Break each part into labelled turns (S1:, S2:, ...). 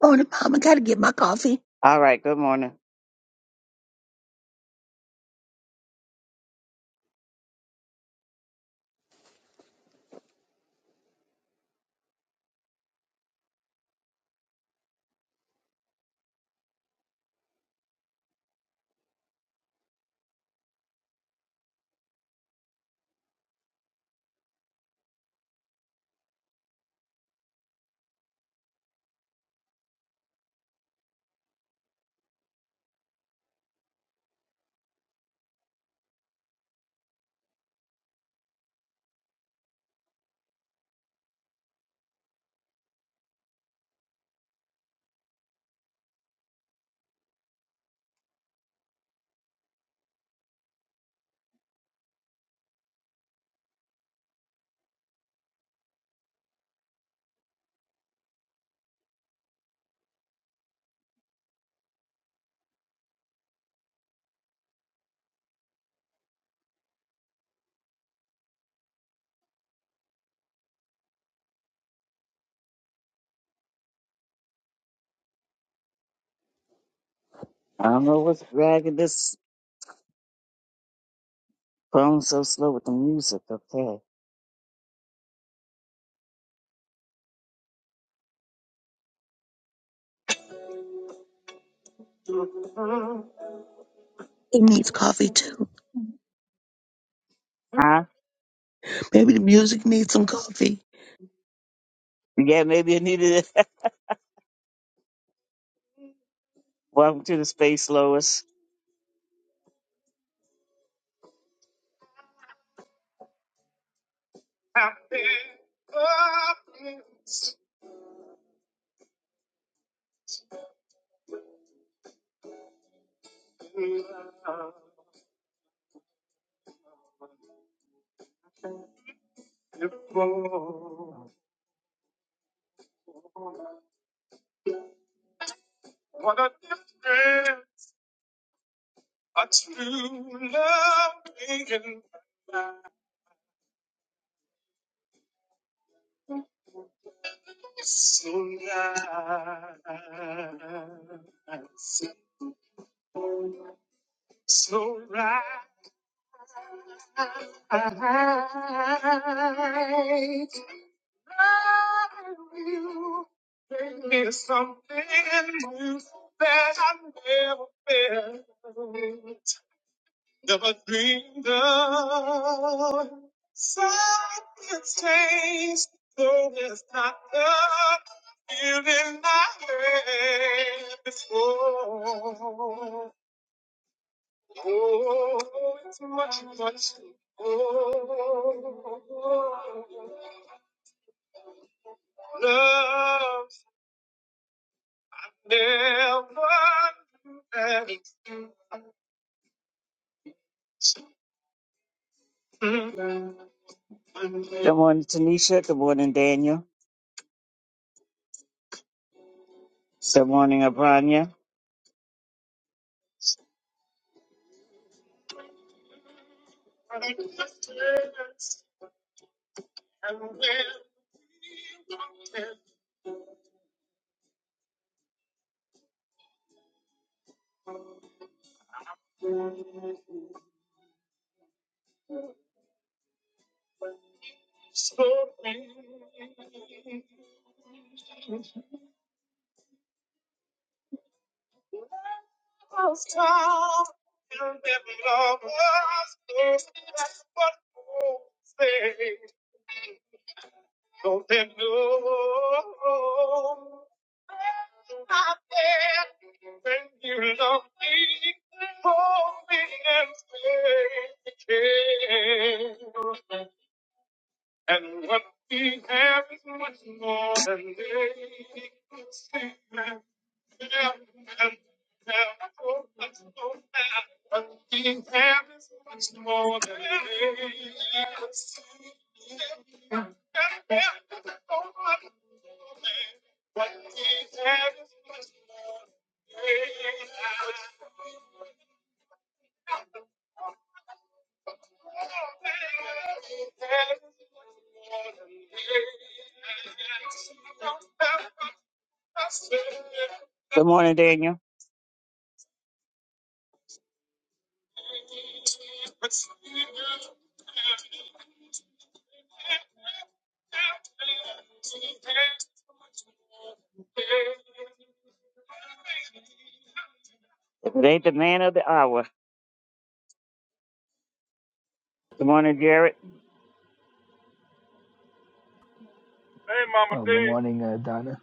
S1: Oh, the mom, gotta get my coffee.
S2: All right, good morning. I don't know what's dragging this phone so slow with the music. Okay.
S1: It needs coffee too.
S2: Huh?
S1: Maybe the music needs some coffee.
S2: Yeah, maybe it needed it. Welcome to the space, Lois. So right, I you bring me something new that I've never felt, never dreamed of. Something's changed, though it's not the feeling I had before. Oh, it's much, much. Oh, love never ends. Mm. Good morning, Tanisha. Good morning, Daniel. Good morning, Abranya. so And what we have is much more than they could see. And What we have is much more than they could see. And What we have is much more than they could see. Good morning, Daniel. If it ain't the man of the hour. Good morning, Jared.
S3: Hey, Mama
S4: Oh,
S3: D.
S4: good morning, uh, Donna.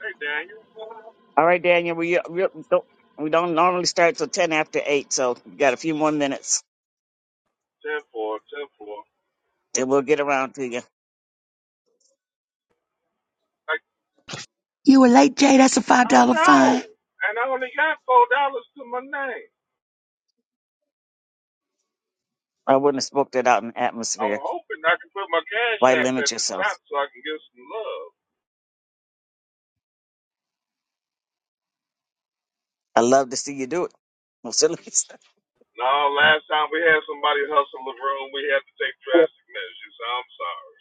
S3: Hey, Daniel.
S2: All right, Daniel, we, we don't we don't normally start till ten after eight, so we got a few more minutes,
S3: ten four, ten four.
S2: and we'll get around to you.
S1: You were late, Jay. That's a five
S3: Like, I
S1: dollar fine.
S3: know. And I only got $4 to my name.
S2: I wouldn't have spoke that out in the
S3: I'm
S2: atmosphere.
S3: hoping I can put my cash
S2: Why
S3: app
S2: limit
S3: at the
S2: yourself?
S3: top so I can get some love.
S2: I love to see you do it. Well, so let me start.
S3: No, last time we had somebody hustle the room, we had to take drastic measures. I'm sorry.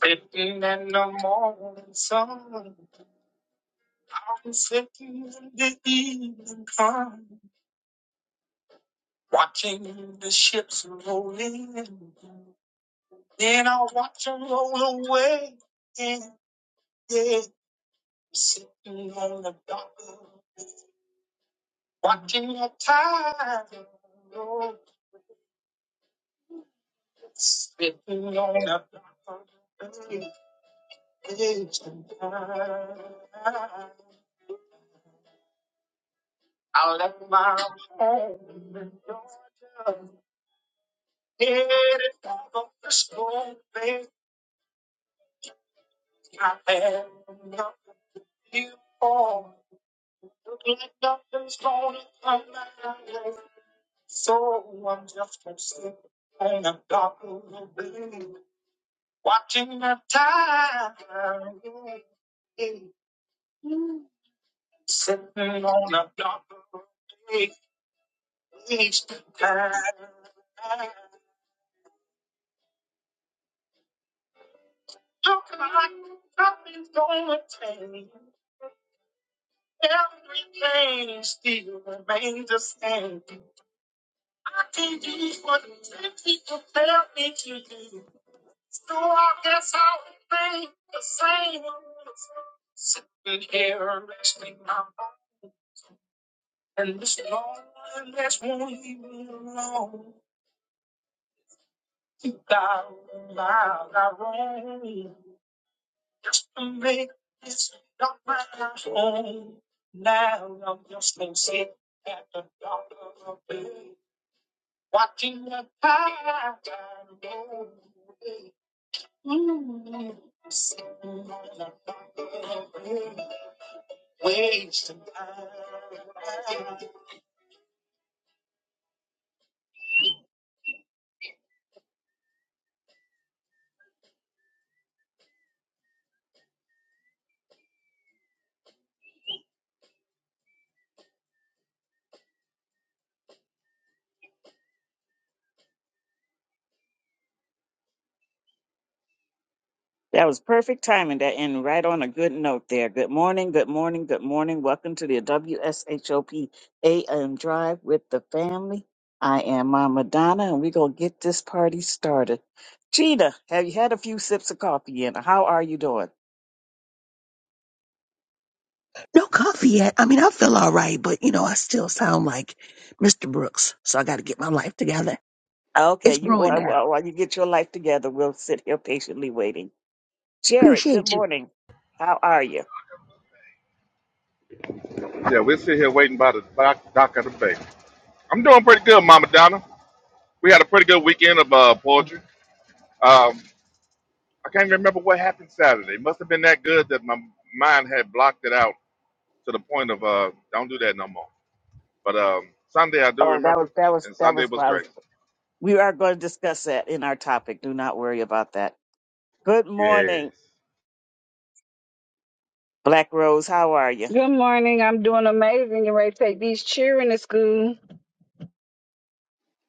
S2: Sitting in the morning sun, I'm sitting in the evening sun, watching the ships roll in. Then I'll watch them roll away. Yeah, yeah. Sitting on the dock. Walking on time, spitting on a ancient time, I left my home in Georgia, headed for the school place. I had nothing to live for. Look like nothing's gonna come my way. So I'm just gonna sit on a dark little bed Watching the time, sitting on a dark beach. Look like nothing's gonna change. Everything still remains the same. I can't do what ten people tell me to do. So I guess I'll remain the same. Sitting here resting my bones. And this Lord, this won't leave me alone. You got my my wrong. Just to make this not my home. Now I'm just been sick at the doctor of the day. Watching the tide go away. Ooh, sitting on the doctor of the day. Wasting time. That was perfect timing. That ended right on a good note there. Good morning, good morning, good morning. Welcome to the W S H O P A M Drive with the family. I am Mama Donna, and we're going to get this party started. Gina, have you had a few sips of coffee yet? How are you doing?
S1: No coffee yet. I mean, I feel all right, but you know, I still sound like Mr. Brooks, so I gotta get my life together.
S2: Okay,
S1: It's
S2: you
S1: brewing
S2: while,
S1: now.
S2: while while you get your life together, we'll sit here patiently waiting. Jared, good
S1: Appreciate you.
S2: morning. How are you?
S3: Yeah, we're sitting here waiting by the dock, dock of the bay. I'm doing pretty good, Mama Donna. We had a pretty good weekend of uh, poetry. Um, I can't remember what happened Saturday. It must have been that good that my mind had blocked it out to the point of uh, don't do that no more. But um, Sunday I do
S2: Oh, that was
S3: remember,
S2: that was
S3: and
S2: that
S3: Sunday
S2: was what
S3: was
S2: I was.
S3: great.
S2: We are going to discuss that in our topic. Do not worry about that. Good
S3: Yes.
S2: morning. Black Rose, how are you?
S5: Good morning. I'm doing amazing. You ready to take these children to school?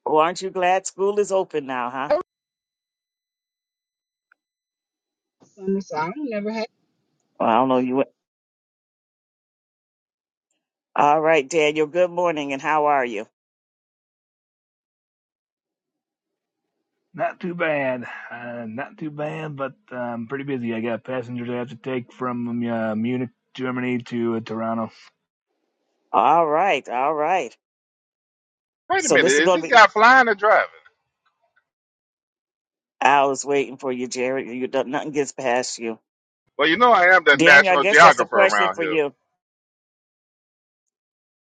S2: Well, aren't you glad school is open now, huh?
S5: Oh, Summer, so I don't never have.
S2: Well, I don't know you. All right, Daniel. Good morning, and how are you?
S4: Not too bad. Uh, not too bad, but uh, I'm pretty busy. I got passengers I have to take from uh, Munich, Germany to uh, Toronto.
S2: All right, all right.
S3: Wait a
S2: So this
S3: minute,
S2: is
S3: is
S2: going
S3: this
S2: to be.
S3: guy flying or driving?
S2: I was waiting for you, Jared. You don't, nothing gets past you,
S3: Well, you know I am the
S2: Daniel. I
S3: national
S2: guess that's a
S3: geographer
S2: question
S3: around
S2: for
S3: here.
S2: you,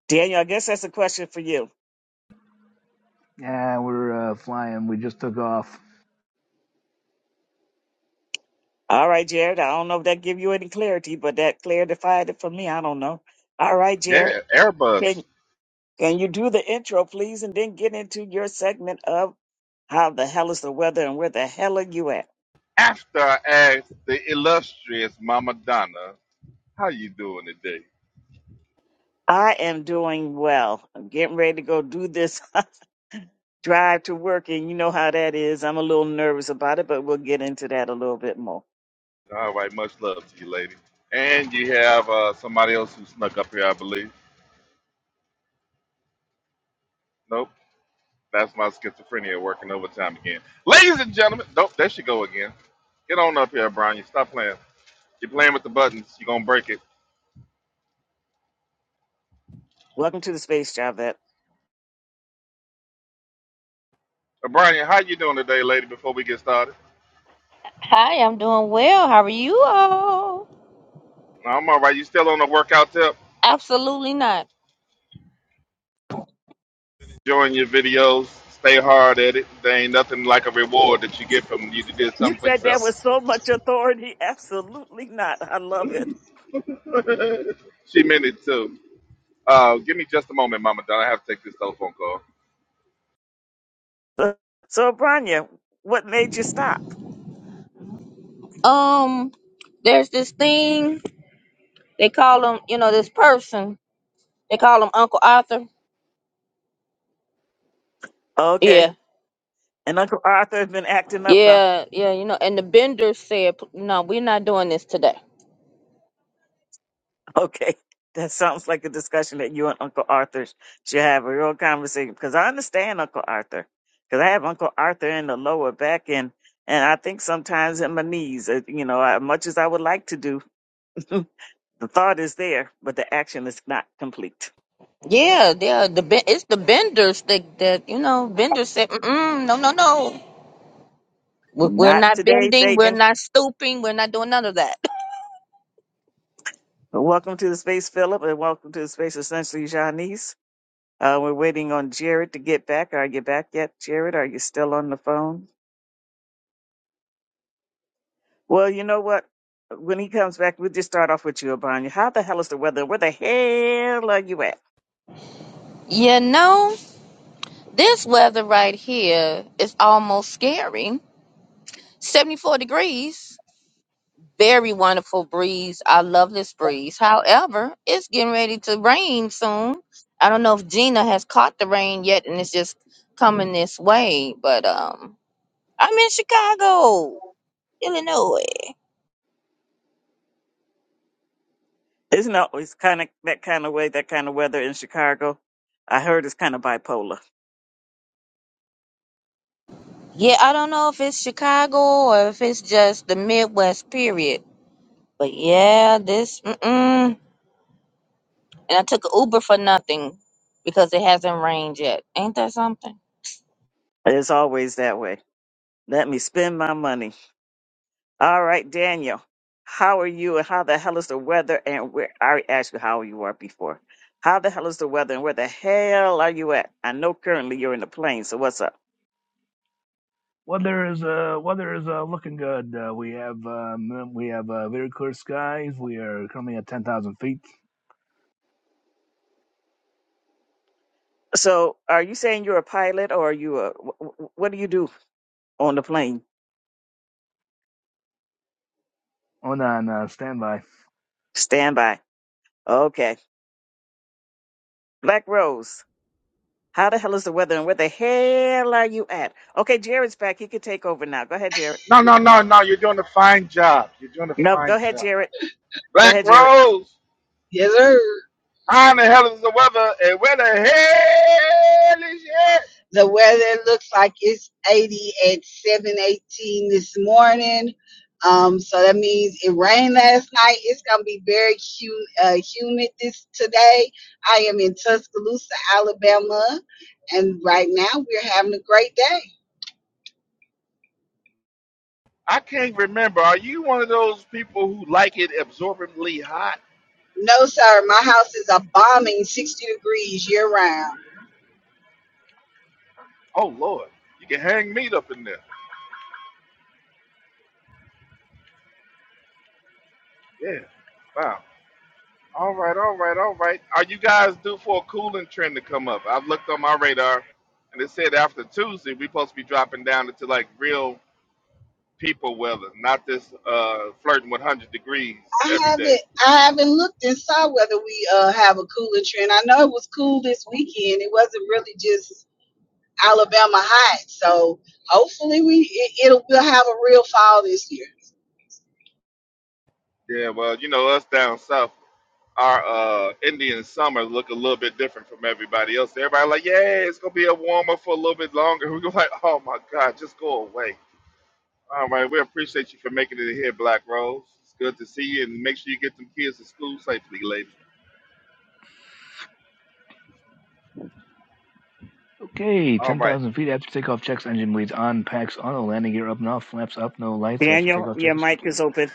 S2: Daniel. I guess that's a question for you.
S4: Yeah, we're uh, flying. We just took off.
S2: All right, Jared. I don't know if that give you any clarity, but that clarified it for me. I don't know. All right, Jared.
S3: Yeah, Airbus.
S2: Can you do the intro, please, and then get into your segment of how the hell is the weather and where the hell are you at?
S3: After I asked the illustrious Mama Donna, how you doing today?
S2: I am doing well. I'm getting ready to go do this drive to work, and you know how that is. I'm a little nervous about it, but we'll get into that a little bit more.
S3: All right, much love to you, lady. And you have uh, somebody else who snuck up here, I believe. Nope, that's my schizophrenia working overtime again. Ladies and gentlemen, nope, there she go again. Get on up here, Brian. You stop playing. You're playing with the buttons. You're gonna break it.
S2: Welcome to the space, Javette.
S3: O'Brien, how you doing today, lady? Before we get started,
S6: Hi, I'm doing well. How are you all?
S3: I'm all right. You still on the workout tip?
S6: Absolutely not.
S3: Enjoying your videos. Stay hard at it. There ain't nothing like a reward that you get from you did
S2: You
S3: something for
S2: said that
S3: yourself.
S2: with so much authority. Absolutely not. I love it.
S3: She meant it too. Uh, give me just a moment, Mama Donna. I have to take this telephone call.
S2: So, so Branya, what made you stop?
S6: Um, there's this thing they call him, you know, this person they call him Uncle Arthur.
S2: Okay.
S6: Yeah,
S2: And Uncle Arthur has been acting up, huh?
S6: yeah, yeah. You know, and the Benders said, "No, we're not doing this today."
S2: Okay, that sounds like a discussion that you and Uncle Arthur should have a real conversation because I understand Uncle Arthur because I have Uncle Arthur in the lower back and and I think sometimes in my knees. uh, You know, as much as I would like to do, the thought is there, but the action is not complete.
S6: Yeah, yeah. The Ben- it's the Benders that that you know. Benders said, Mm-mm, "No, no, no. We're we're
S2: Not
S6: not
S2: today,
S6: bending. We're
S2: Satan.
S6: not stooping. We're not doing none of that."
S2: But welcome to the space, Philip, and welcome to the space, essentially, Janice. Uh, we're waiting on Jared to get back. Are you back yet, Jared? Are you still on the phone? Well, you know what? When he comes back, we'll just start off with you, Abanya. How the hell is the weather? Where the hell are you at?
S6: You know, this weather right here is almost scary 74 degrees. Very wonderful breeze. I love this breeze. However, it's getting ready to rain soon. I don't know if Gina has caught the rain yet and it's just coming this way, but um I'm in Chicago, Illinois.
S2: Isn't it always kind of that kind of way, that kind of weather in Chicago? I heard it's kind of bipolar.
S6: Yeah, I don't know if it's Chicago or if it's just the Midwest period. But yeah, this mm-mm. and I took an Uber for nothing because it hasn't rained yet. Ain't that something?
S2: It's always that way. Let me spend my money. All right, Daniel, how are you and how the hell is the weather? And where I already asked you how you are before. How the hell is the weather and where the hell are you at? I know currently you're in the plane, so what's up?
S4: Weather is uh, weather is uh, looking good. Uh, we have um, we have uh, very clear skies. We are currently at 10,000 feet.
S2: So, are you saying you're a pilot or are you a wh- wh- what do you do? on the plane.
S4: On on uh, standby.
S2: Stand by. Okay. Black Rose, how the hell is the weather and where the hell are you at? Okay, Jared's back. He can take over now. Go ahead, Jared.
S3: No, no, no, no. You're doing a fine job. You're doing a
S2: No, go
S3: fine
S2: ahead,
S3: job.
S2: Jared. Go
S3: Black
S2: ahead, Jared.
S3: Rose,
S5: Yes, sir.
S3: how in the hell is the weather? And where the hell is it?
S5: The weather looks like it's 80 at 718 this morning. Um, so that means it rained last night. It's gonna be very hu- uh, humid this today. I am in Tuscaloosa, Alabama, and right now we're having a great day.
S3: I can't remember. Are you one of those people who like it absorbently hot?
S5: No, sir, my house is a bombing 60 degrees year round.
S3: Oh Lord, you can hang meat up in there. Yeah. Wow. All right, all right, all right. Are you guys due for a cooling trend to come up? I've looked on my radar and it said after Tuesday we're supposed to be dropping down into like real people weather, not this uh flirting with one hundred degrees
S5: I
S3: every day.
S5: haven't I haven't looked and saw whether we uh have a cooler trend. I know it was cool this weekend. It wasn't really just Alabama hot. So hopefully we it, it'll we'll have a real fall this year.
S3: Yeah, well, you know, us down south our uh, Indian summer look a little bit different from everybody else. Everybody like, yeah, it's gonna be a warmer for a little bit longer. We go like, oh my God, just go away. All right, we appreciate you for making it here, Black Rose. It's good to see you, and make sure you get them kids to school safely, lady.
S4: Okay,
S3: All right,
S4: 10,000 feet after takeoff. Checks engine leads on. Packs on. landing gear up and off. Flaps up. No lights after
S2: Daniel,
S4: takeoff.
S2: your
S4: Check is
S2: mic
S4: complete.
S2: is open.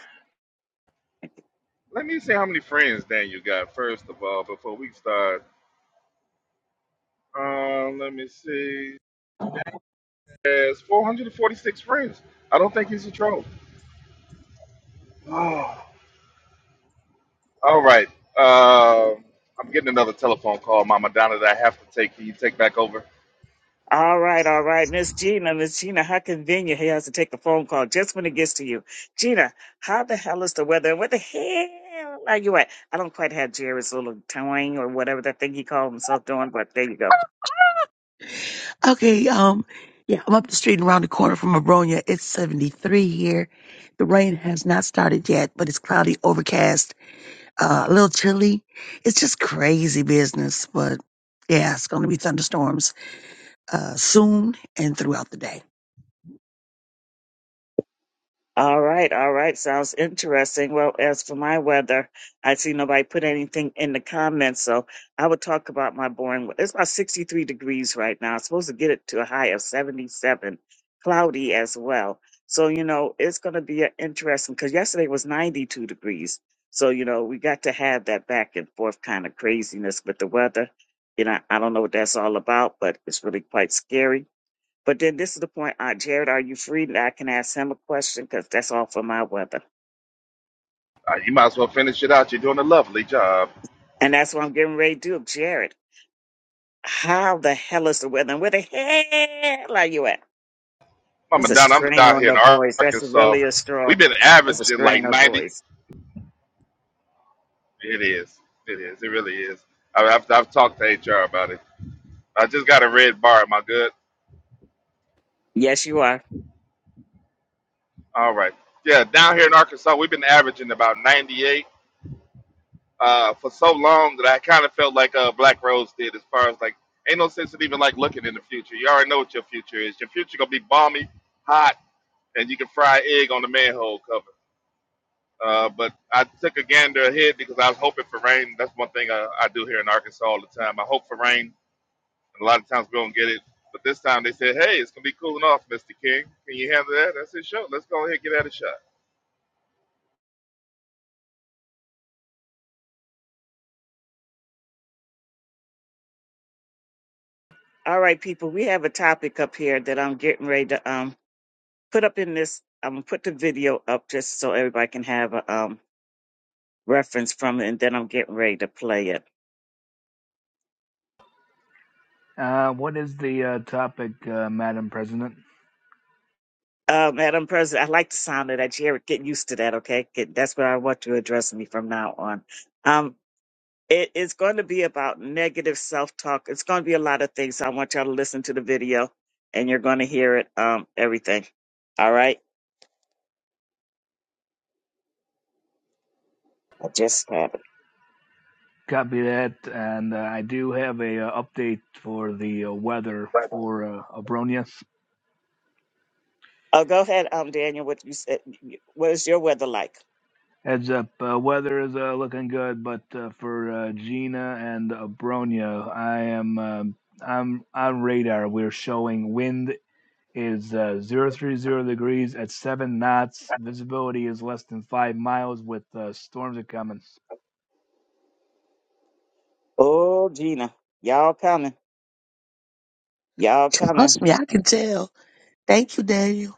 S3: let me see how many friends Daniel got first of all before we start. Um, let me see. There's 446 friends. I don't think he's a troll. All right. Um, I'm getting another telephone call, Mama Donna, that I have to take. Can you take back over?
S2: All right, all right. Miss Gina, Miss Gina, how convenient he has to take a phone call just when it gets to you. Gina, how the hell is the weather? Where the hell are you at? I don't quite have Jerry's little twang or whatever that thing he called himself doing, but there you go.
S1: Okay, um, yeah, I'm up the street and around the corner from Abronia. It's 73 here. The rain has not started yet, but it's cloudy, overcast, uh, a little chilly. It's just crazy business, but yeah, it's gonna be thunderstorms. uh, soon and throughout the day.
S2: All right, all right. Sounds interesting. Well, as for my weather, I see nobody put anything in the comments, so I would talk about my boring. weather. It's about 63 degrees right now. It's supposed to get it to a high of 77, cloudy as well. So, you know, it's going to be a- interesting because yesterday was 92 degrees. So, you know, we got to have that back and forth kind of craziness with the weather. You know, I don't know what that's all about, but it's really quite scary. But then this is the point, uh, Jared, are you free that I can ask him a question? Because that's all for my weather.
S3: Uh, you might as well finish it out. You're doing a lovely job.
S2: And that's what I'm getting ready to do. Jared, how the hell is the weather? And where the hell are you at?
S3: Mama
S2: That's a
S3: Donna, I'm
S2: strain
S3: down
S2: on
S3: here
S2: the
S3: in
S2: voice. That's
S3: Arkansas.
S2: really a
S3: We've
S2: strong,
S3: been
S2: that's a
S3: averaging like
S2: strain on the
S3: 90.
S2: voice.
S3: It is. It is. It really is. I, I've, I've talked to HR about it. I just got a red bar. Am I good?
S2: Yes, you are.
S3: All right. Yeah, down here in Arkansas, we've been averaging about 98 uh, for so long that I kind of felt like uh, Black Rose did as far as like, ain't no sense in even like looking in the future. You already know what your future is. Your future going to be balmy, hot, and you can fry egg on the manhole cover. Uh, but I took a gander ahead because I was hoping for rain. That's one thing I, I do here in Arkansas all the time. I hope for rain, and a lot of times we don't get it. But this time they said, "Hey, it's gonna be cooling off, Mr. King. Can you handle that?" I said, "Sure. Let's go ahead and give that a shot."
S2: All right, people, we have a topic up here that I'm getting ready to um put up in this. I'm going to put the video up just so everybody can have a um reference from it. And then I'm getting ready to play it.
S4: Uh, what is the uh, topic, uh, Madam President?
S2: Uh, Madam President, I like the sound of that. Jared, get used to that, okay? Get, that's where I want you to address me from now on. Um, it is going to be about negative self-talk. It's going to be a lot of things. I want y'all to listen to the video, and you're going to hear it. Um, everything. All right. I just have it.
S4: Copy that, and uh, I do have a uh, update for the uh, weather for uh, Abronia.
S2: Oh, go ahead, um, Daniel. What you said? What is your weather like?
S4: Heads up, uh, weather is uh, looking good, but uh, for uh, Gina and Abronia, I am um I'm on radar. We're showing wind is uh, 030 degrees at seven knots. Visibility is less than five miles. With uh, storms are coming.
S2: Oh, Gina, y'all coming? Y'all coming?
S1: Trust me, I can tell. Thank you, Daniel.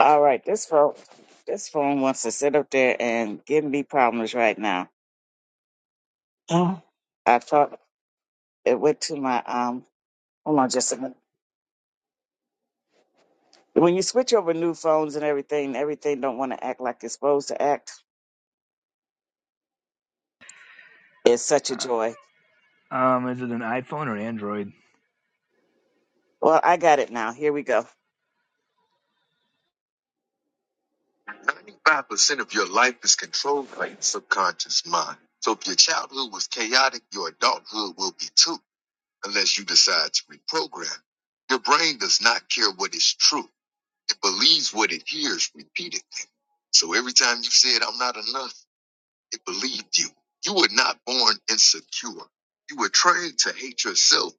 S2: All right. This phone, this phone wants to sit up there and give me problems right now. Oh. I talk. it went to my um hold on just a minute. When you switch over new phones and everything, everything don't want to act like it's supposed to act. It's such a
S4: Uh,
S2: joy.
S4: um, is it an iPhone or Android?
S2: Well, I got it now. Here we go. 95% of your life is controlled by your subconscious mind. So if your childhood was chaotic, your adulthood will be too, unless you decide to reprogram. Your brain does not care what is true. It believes what it hears repeatedly. So every time you said, I'm not enough, It believed you. You were not born insecure. You were trained to hate yourself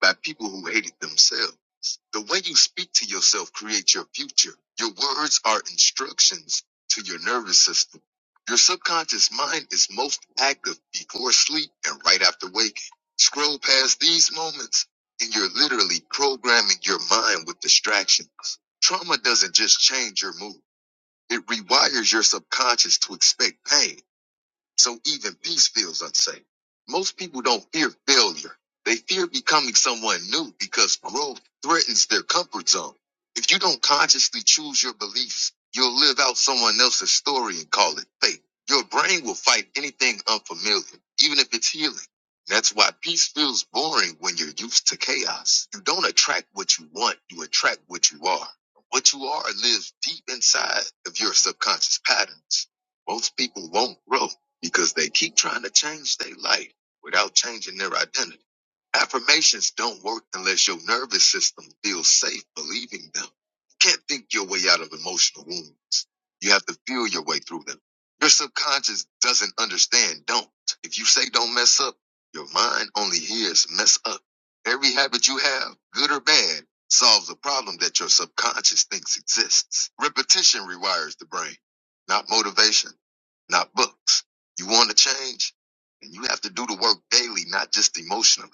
S2: by people who hated themselves. The way you speak to yourself creates your future. Your words are instructions to your nervous system. Your subconscious mind is most active before sleep and right after waking. Scroll past these moments and you're literally programming your mind with distractions. Trauma doesn't just change your mood. It rewires your subconscious to expect pain. So even peace feels unsafe. Most people don't fear failure. They fear becoming someone new because growth threatens their comfort zone. If you don't consciously choose your beliefs, you'll live out someone else's story and call it fate. Your brain will fight anything unfamiliar, even if it's healing. That's why peace feels boring when you're used to chaos. You don't attract what you want, you attract what you are. What you are lives deep inside of your subconscious patterns. Most people won't grow because they keep trying to change their life without changing their identity. Affirmations don't work unless your nervous system feels safe believing them. You can't think your way out of emotional wounds. You have to feel your way through them. Your subconscious doesn't understand don't. If you say don't mess up, your mind only hears mess up. Every habit you have, good or bad, solves a problem that your subconscious thinks exists. Repetition rewires the brain, not motivation, not books. You want to change? And you have to do the work daily, not just emotionally.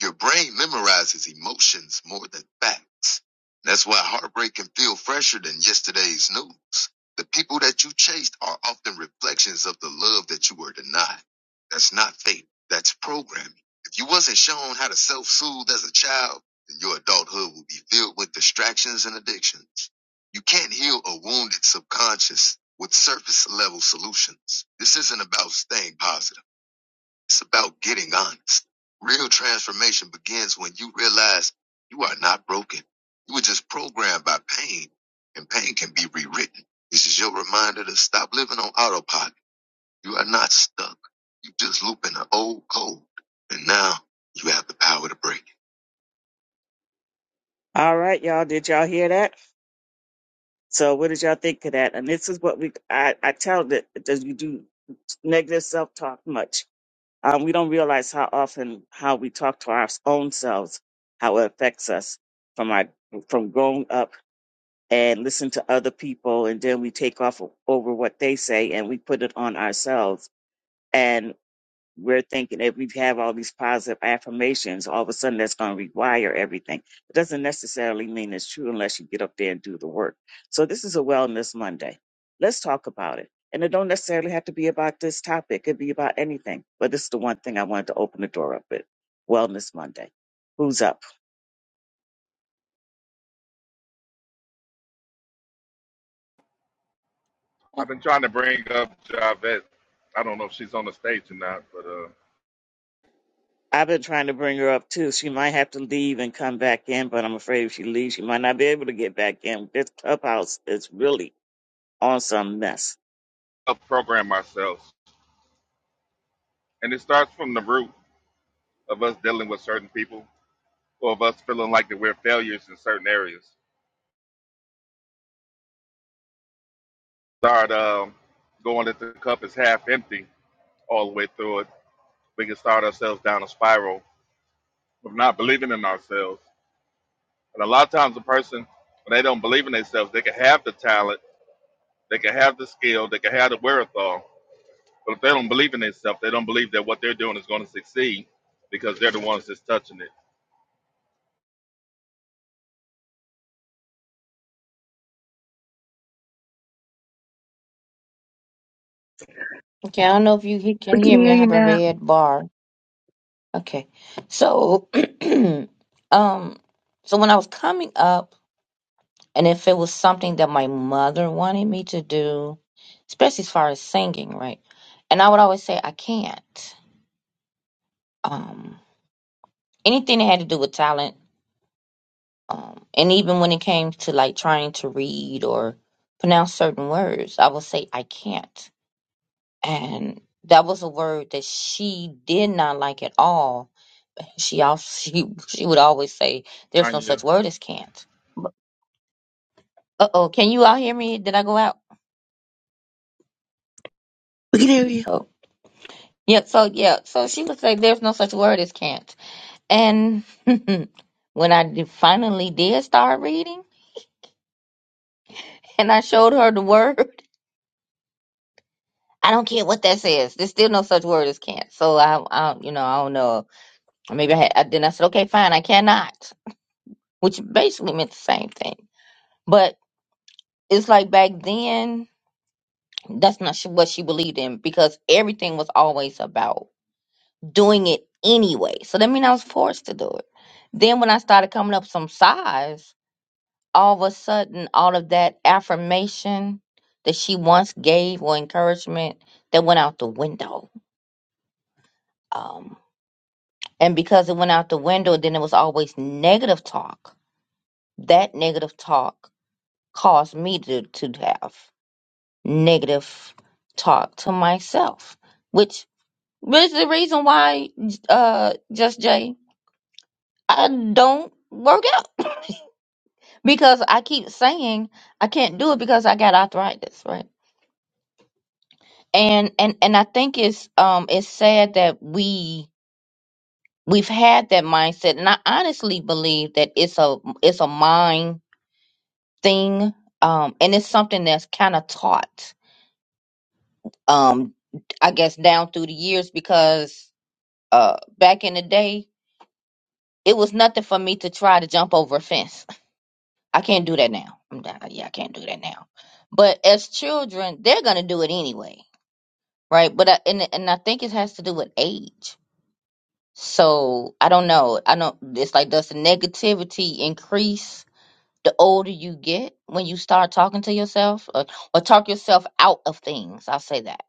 S2: Your brain memorizes emotions more than facts. That's why heartbreak can feel fresher than yesterday's news. The people that you chased are often reflections of the love that you were denied. That's not fate. That's programming. If you wasn't shown how to self-soothe as a child, then your adulthood will be filled with distractions and addictions. You can't heal a wounded subconscious with surface level solutions. This isn't about staying positive. It's about getting honest. Real transformation begins when you realize you are not broken. You were just programmed by pain and pain can be rewritten. This is your reminder to stop living on autopilot. You are not stuck. You just loop in an old code and now you have the power to break it. All right, y'all. Did y'all hear that? So what did y'all think of that? And this is what we I, I tell that does you do negative self talk much. Um, we don't realize how often how we talk to our own selves, how it affects us from our from growing up and listen to other people and then we take off over what they say and we put it on ourselves. and we're thinking that we have all these positive affirmations, all of a sudden that's going to rewire everything. It doesn't necessarily mean it's true unless you get up there and do the work. So this is a Wellness Monday. Let's talk about it. And it don't necessarily have to be about this topic. It could be about anything. But this is the one thing I wanted to open the door up with. Wellness Monday. Who's up?
S3: I've been trying to bring up Javette. I don't know if she's on the stage or not, but uh,
S2: I've been trying to bring her up too. She might have to leave and come back in, but I'm afraid if she leaves, she might not be able to get back in. This clubhouse is really on some mess.
S3: I'll program ourselves, and it starts from the root of us dealing with certain people, or of us feeling like that we're failures in certain areas. Start um, going that the cup is half empty all the way through it we can start ourselves down a spiral of not believing in ourselves. And a lot of times, a person, when they don't believe in themselves, they can have the talent, they can have the skill, they can have the wherewithal. But if they don't believe in themselves, they don't believe that what they're doing is going to succeed because they're the ones that's touching it.
S6: Okay, I don't know if you he- can
S1: We can
S6: hear me.
S1: hear
S6: I
S1: you
S6: have a
S1: now.
S6: red bar. Okay. So um so when I was coming up and if it was something that my mother wanted me to do, especially as far as singing, right? And I would always say I can't. Um anything that had to do with talent, um and even when it came to like trying to read or pronounce certain words, I would say I can't. And that was a word that she did not like at all She also she she would always say, "There's no such
S3: Anya,
S6: word as can't." Uh oh, can you all hear me? Did I go out?
S1: We can hear you.
S6: Oh, yeah. So yeah, so she would say, "There's no such word as can't." And when I did- finally did start reading, and I showed her the word, I don't care what that says. There's still no such word as can't. So I, I you know, I don't know. Maybe I had. I, then I said, "Okay, fine, I cannot," which basically meant the same thing. But it's like back then. That's not sh- what she believed in because everything was always about doing it anyway. So that means I was forced to do it. Then when I started coming up some size, all of a sudden, all of that affirmation that she once gave or encouragement that went out the window. Um, and because it went out the window, then it was always negative talk. That negative talk caused me to, to have negative talk to myself, which But it's the reason why, uh, Just Jay, I don't work out because I keep saying I can't do it because I got arthritis, right? And and and I think it's um it's sad that we we've had that mindset, and I honestly believe that it's a it's a mind thing, um, and it's something that's kind of taught, um, I guess down through the years because uh back in the day it was nothing for me to try to jump over a fence I can't do that now. I'm done. Uh, Yeah, I can't do that now. But as children, they're gonna do it anyway, right? But I, and and I think it has to do with age. So I don't know. I don't. It's like does the negativity increase the older you get when you start talking to yourself or, or talk yourself out of things? I'll say that.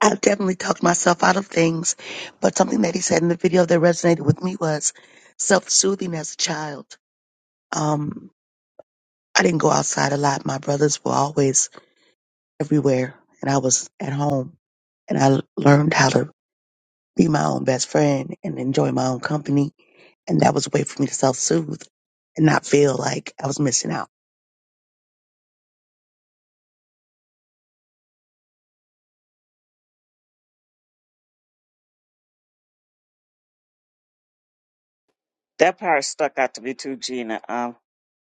S1: I've definitely talked myself out of things, but something that he said in the video that resonated with me was self-soothing as a child. Um. I didn't go outside a lot. My brothers were always everywhere, and I was at home. And I l- learned how to be my own best friend and enjoy my own company. And that was a way for me to self soothe and not feel like I was missing out.
S2: That part stuck out to me too, Gina. Um,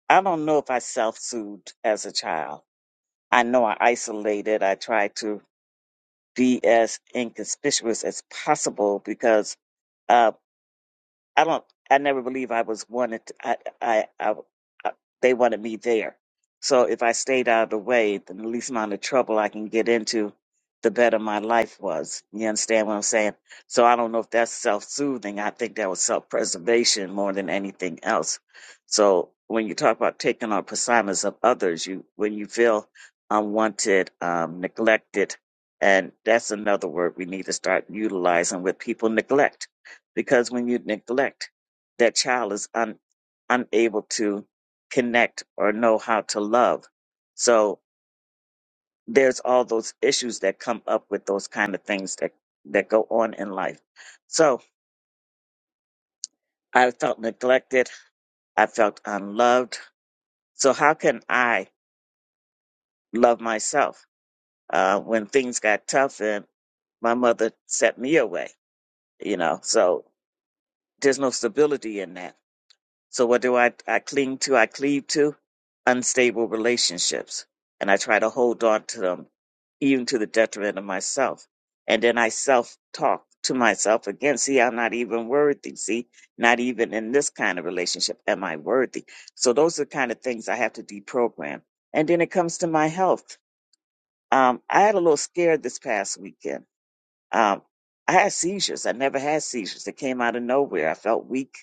S2: I don't know if I self-soothed as a child. I know I isolated. I tried to be as inconspicuous as possible because uh, I don't. I never believe I was wanted. I, I, I, I. They wanted me there. So if I stayed out of the way, then the least amount of trouble I can get into, the better my life was. You understand what I'm saying? So I don't know if that's self-soothing. I think that was self-preservation more than anything else. So when you talk about taking on personas of others, you when you feel unwanted, um, neglected, and that's another word we need to start utilizing with people neglect because when you neglect, that child is un, unable to connect or know how to love. So there's all those issues that come up with those kind of things that, that go on in life. So I felt neglected. I felt unloved. So how can I love myself? Uh, when things got tough and my mother set me away, you know, so there's no stability in that. So what do I, I cling to? I cleave to unstable relationships and I try to hold on to them even to the detriment of myself. And then I self talk to myself again. See, I'm not even worthy. See, not even in this kind of relationship am I worthy. So those are the kind of things I have to deprogram. And then it comes to my health. Um, I had a little scare this past weekend um, I had seizures. I never had seizures. They came out of nowhere. I felt weak.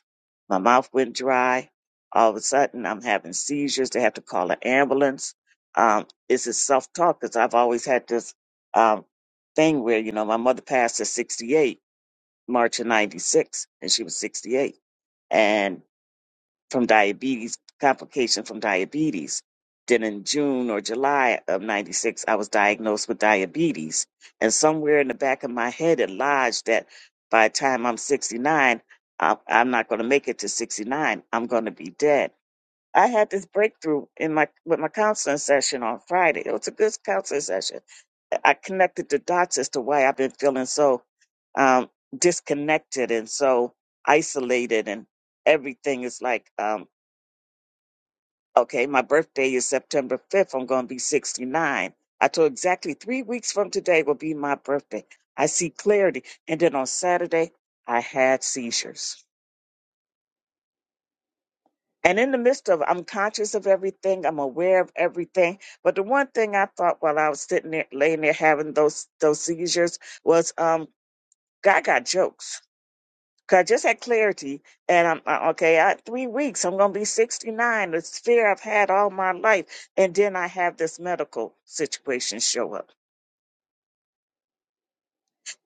S2: My mouth went dry. All of a sudden, I'm having seizures. They have to call an ambulance. Um, this is self talk because I've always had this um, thing where, you know, my mother passed at 68, March of 96, and she was 68 from diabetes, complication from diabetes. Then in June or July of 96, I was diagnosed with diabetes. And somewhere in the back of my head, it lodged that by the time I'm 69, I- I'm not going to make it to 69. I'm going to be dead. I had this breakthrough in my with my counseling session on Friday. It was a good counseling session. I connected the dots as to why I've been feeling so um, disconnected and so isolated, and everything is like um, Okay, my birthday is September 5th. I'm going to be 69. I told exactly three weeks from today will be my birthday. I see clarity. And then on Saturday, I had seizures. And in the midst of, I'm conscious of everything. I'm aware of everything. But the one thing I thought while I was sitting there, laying there having those, those seizures was, um, God got jokes. 'Cause I just had clarity, and I'm uh, okay. I, three weeks, I'm gonna be 69. This fear I've had all my life, and then I have this medical situation show up.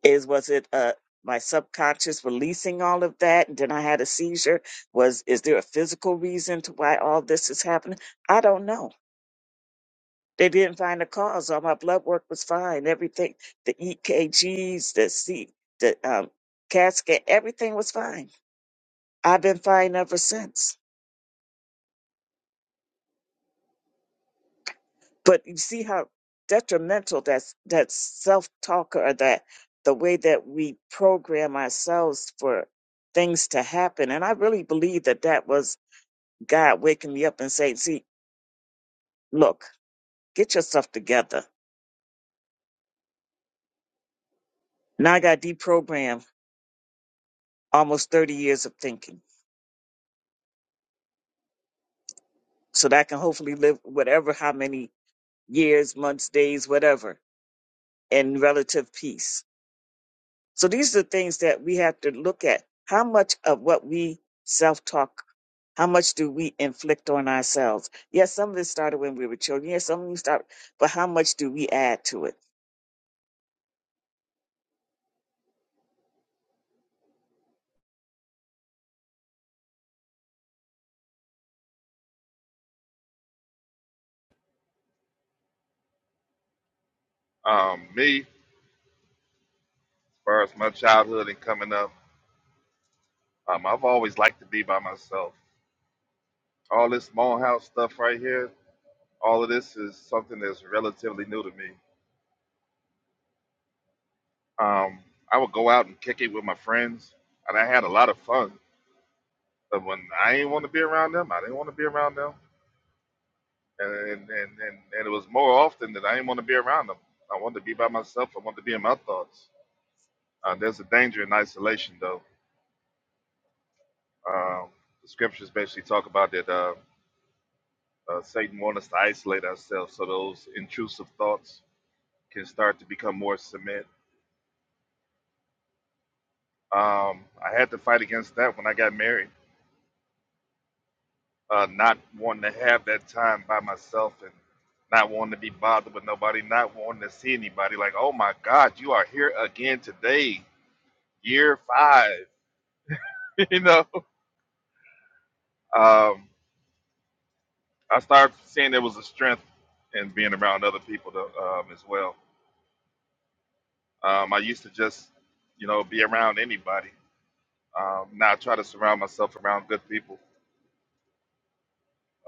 S2: Is was it uh my subconscious releasing all of that, and then I had a seizure? Was is there a physical reason to why all this is happening? I don't know. They didn't find a cause. All my blood work was fine. Everything, the EKGs, the C, the um, CAT scan, everything was fine. I've been fine ever since. but you see how detrimental that's that self talk or that the way that we program ourselves for things to happen and i really believe that that was god waking me up and saying see look get yourself together now i got deprogrammed almost 30 years of thinking so that i can hopefully live whatever how many years months days whatever in relative peace So these are the things that we have to look at. How much of what we self talk, how much do we inflict on ourselves? Yes, some of this started when we were children. Yes, some of you start, but how much do we add to it?
S3: um, me, as far as my childhood and coming up, um, I've always liked to be by myself. All this small house stuff right here, all of this is something that's relatively new to me. Um, I would go out and kick it with my friends, and I had a lot of fun. But when I didn't want to be around them, I didn't want to be around them, and and, and, and, and it was more often that I didn't want to be around them. I wanted to be by myself. I wanted to be in my thoughts. Uh, there's a danger in isolation, though. Um, the scriptures basically talk about that uh, uh, Satan wants us to isolate ourselves, so those intrusive thoughts can start to become more cement. Um, I had to fight against that when I got married uh, not wanting to have that time by myself and not wanting to be bothered with nobody, not wanting to see anybody. Like, oh my God, you are here again today, year five. you know, um, I started seeing there was a strength in being around other people to, um, as well. Um, I used to just, you know, be around anybody. Um, now I try to surround myself around good people,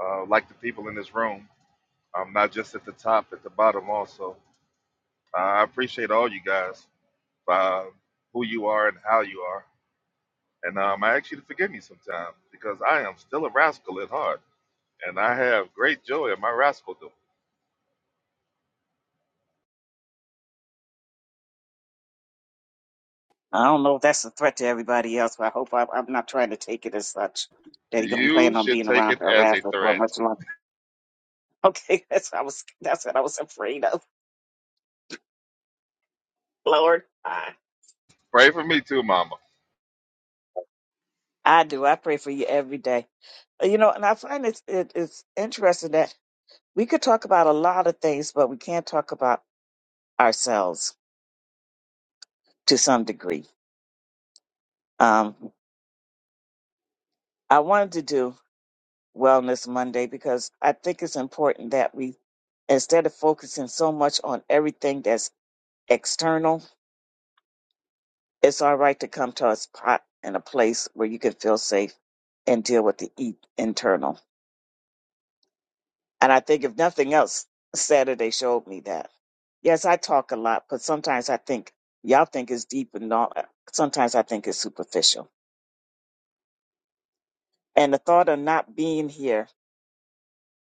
S3: uh, like the people in this room. I'm not just at the top, at the bottom also. Uh, I appreciate all you guys. uh, who you are and how you are. And um, I ask you to forgive me sometime because I am still a rascal at heart and I have great joy in my rascaldom.
S2: I don't know if that's a threat to everybody else, but I hope I, I'm not trying to take it as such that he don't
S3: You
S2: plan on
S3: should
S2: being
S3: take
S2: around
S3: it
S2: to
S3: as a
S2: harass us for
S3: threat.
S2: much longer. Okay, that's what I was that's what I was afraid of. Lord, I,
S3: Pray for me too, Mama.
S2: I do. I pray for you every day. You know, and I find it's it, it's interesting that. we could talk about a lot of things, but we can't talk about ourselves to some degree. Um, I wanted to do Wellness Monday because I think it's important that we, instead of focusing so much on everything that's external, it's all right to come to a spot and a place where you can feel safe and deal with the e- internal. And I think, if nothing else, Saturday showed me that. Yes, I talk a lot, but sometimes I think y'all think it's deep and all. Sometimes I think it's superficial And the thought of not being here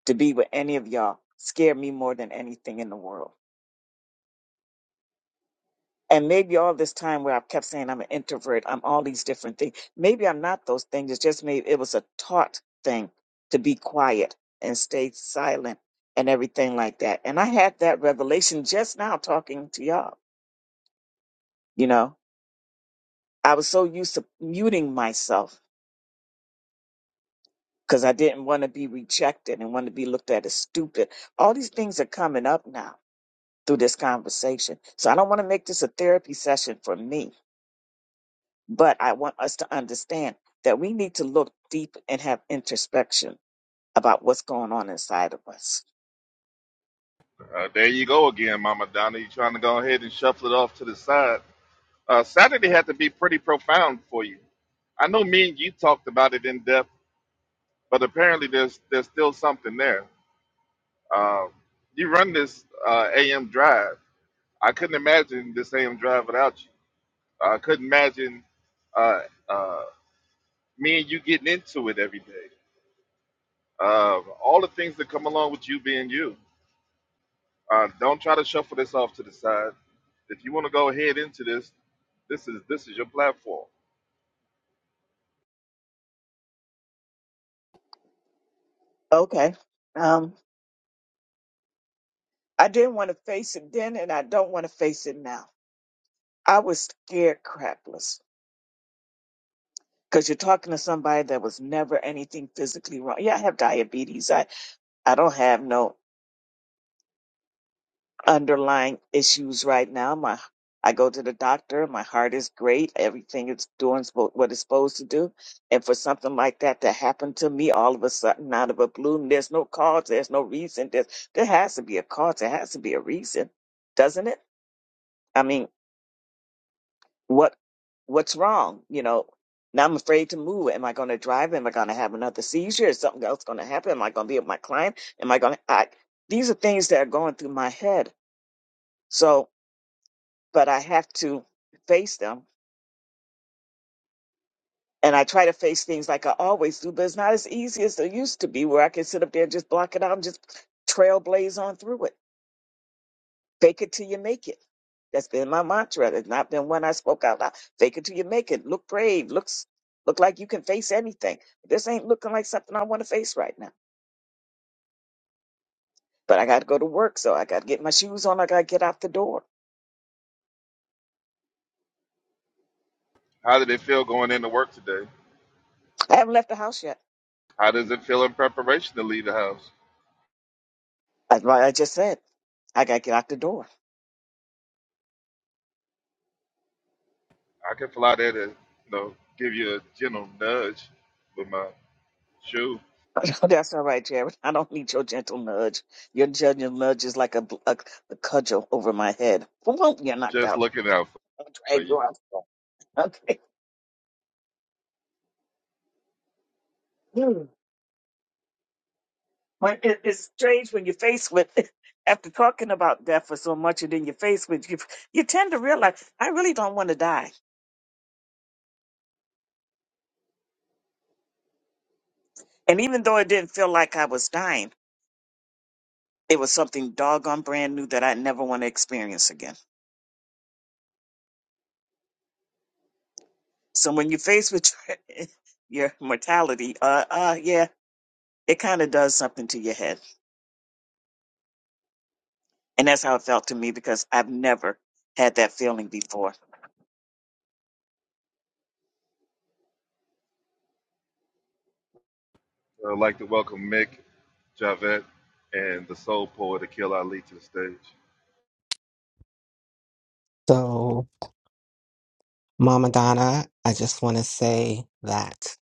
S2: to be with any of y'all scared me more than anything in the world. And maybe all this time where I've kept saying I'm an introvert, I'm all these different things. Maybe I'm not those things. It's just maybe it was a taught thing to be quiet and stay silent and everything like that. And I had that revelation just now talking to y'all. You know, I was so used to muting myself because I didn't want to be rejected and want to be looked at as stupid. All these things are coming up now through this conversation. So I don't want to make this a therapy session for me, but I want us to understand that we need to look deep and have introspection about what's going on inside of us.
S3: Uh, there you go again, Mama Donna. You trying to go ahead and shuffle it off to the side. Uh, Saturday had to be pretty profound for you. I know me and you talked about it in depth, but apparently there's there's still something there. Um, you run this uh, AM drive. I couldn't imagine this AM drive without you I couldn't imagine uh, uh, me and you getting into it every day. Uh, all the things that come along with you being you. Uh, don't try to shuffle this off to the side. If you want to go ahead into this, this is this is your platform.
S2: Okay. Um, I didn't want to face it then, and I don't want to face it now. I was scared crapless because you're talking to somebody that was never anything physically wrong. Yeah, I have diabetes. I, I don't have no underlying issues right now. My I go to the doctor, my heart is great, everything is doing spo- what it's supposed to do. And for something like that to happen to me all of a sudden out of a blue, there's no cause, there's no reason. There's, there has to be a cause, there has to be a reason, doesn't it? I mean, what what's wrong? You know, now I'm afraid to move. Am I going to drive? Am I going to have another seizure? Is something else going to happen? Am I going to be with my client? Am I going to? I, these are things that are going through my head. So, but I have to face them. And I try to face things like I always do, but it's not as easy as it used to be where I can sit up there, and just block it out and just trailblaze on through it. Fake it till you make it. That's been my mantra. It's not been one I spoke out loud. Fake it till you make it. Look brave. Looks look like you can face anything. This ain't looking like something I want to face right now. But I got to go to work, so I got to get my shoes on. I got to get out the door.
S3: How did it feel going into work today?
S2: I haven't left the house yet.
S3: How does it feel in preparation to leave the house?
S2: That's why I just said I got to get out the door.
S3: I can fly there to you know give you a gentle nudge with my shoe.
S2: That's all right, Jared. I don't need your gentle nudge. Your gentle nudge is like a, bl- a, a cudgel over my head. Won't you're knocked
S3: Just
S2: out.
S3: looking out
S2: I'll
S3: for
S2: drag
S3: you.
S2: you out. Okay. Hmm. When it, it's strange when you're faced with, after talking about death for so much, and then you're faced with, you, you tend to realize, I really don't want to die. And even though it didn't feel like I was dying, it was something doggone brand new that I never want to experience again. So when you're faced with your, your mortality, uh, uh, yeah, it kind of does something to your head And that's how it felt to me because I've never had that feeling before.
S3: I'd like to welcome Mick, Javette, and the soul poet Akil Ali to the stage.
S7: So, Mama Donna, I just want to say that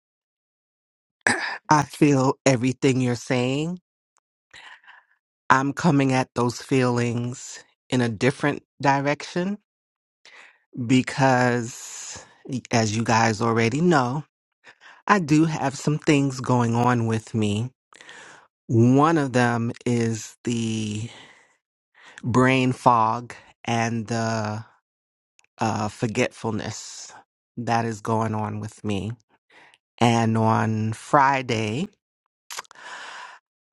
S7: I feel everything you're saying. I'm coming at those feelings in a different direction because, as you guys already know, I do have some things going on with me. One of them is the brain fog and the uh, forgetfulness that is going on with me. And on Friday,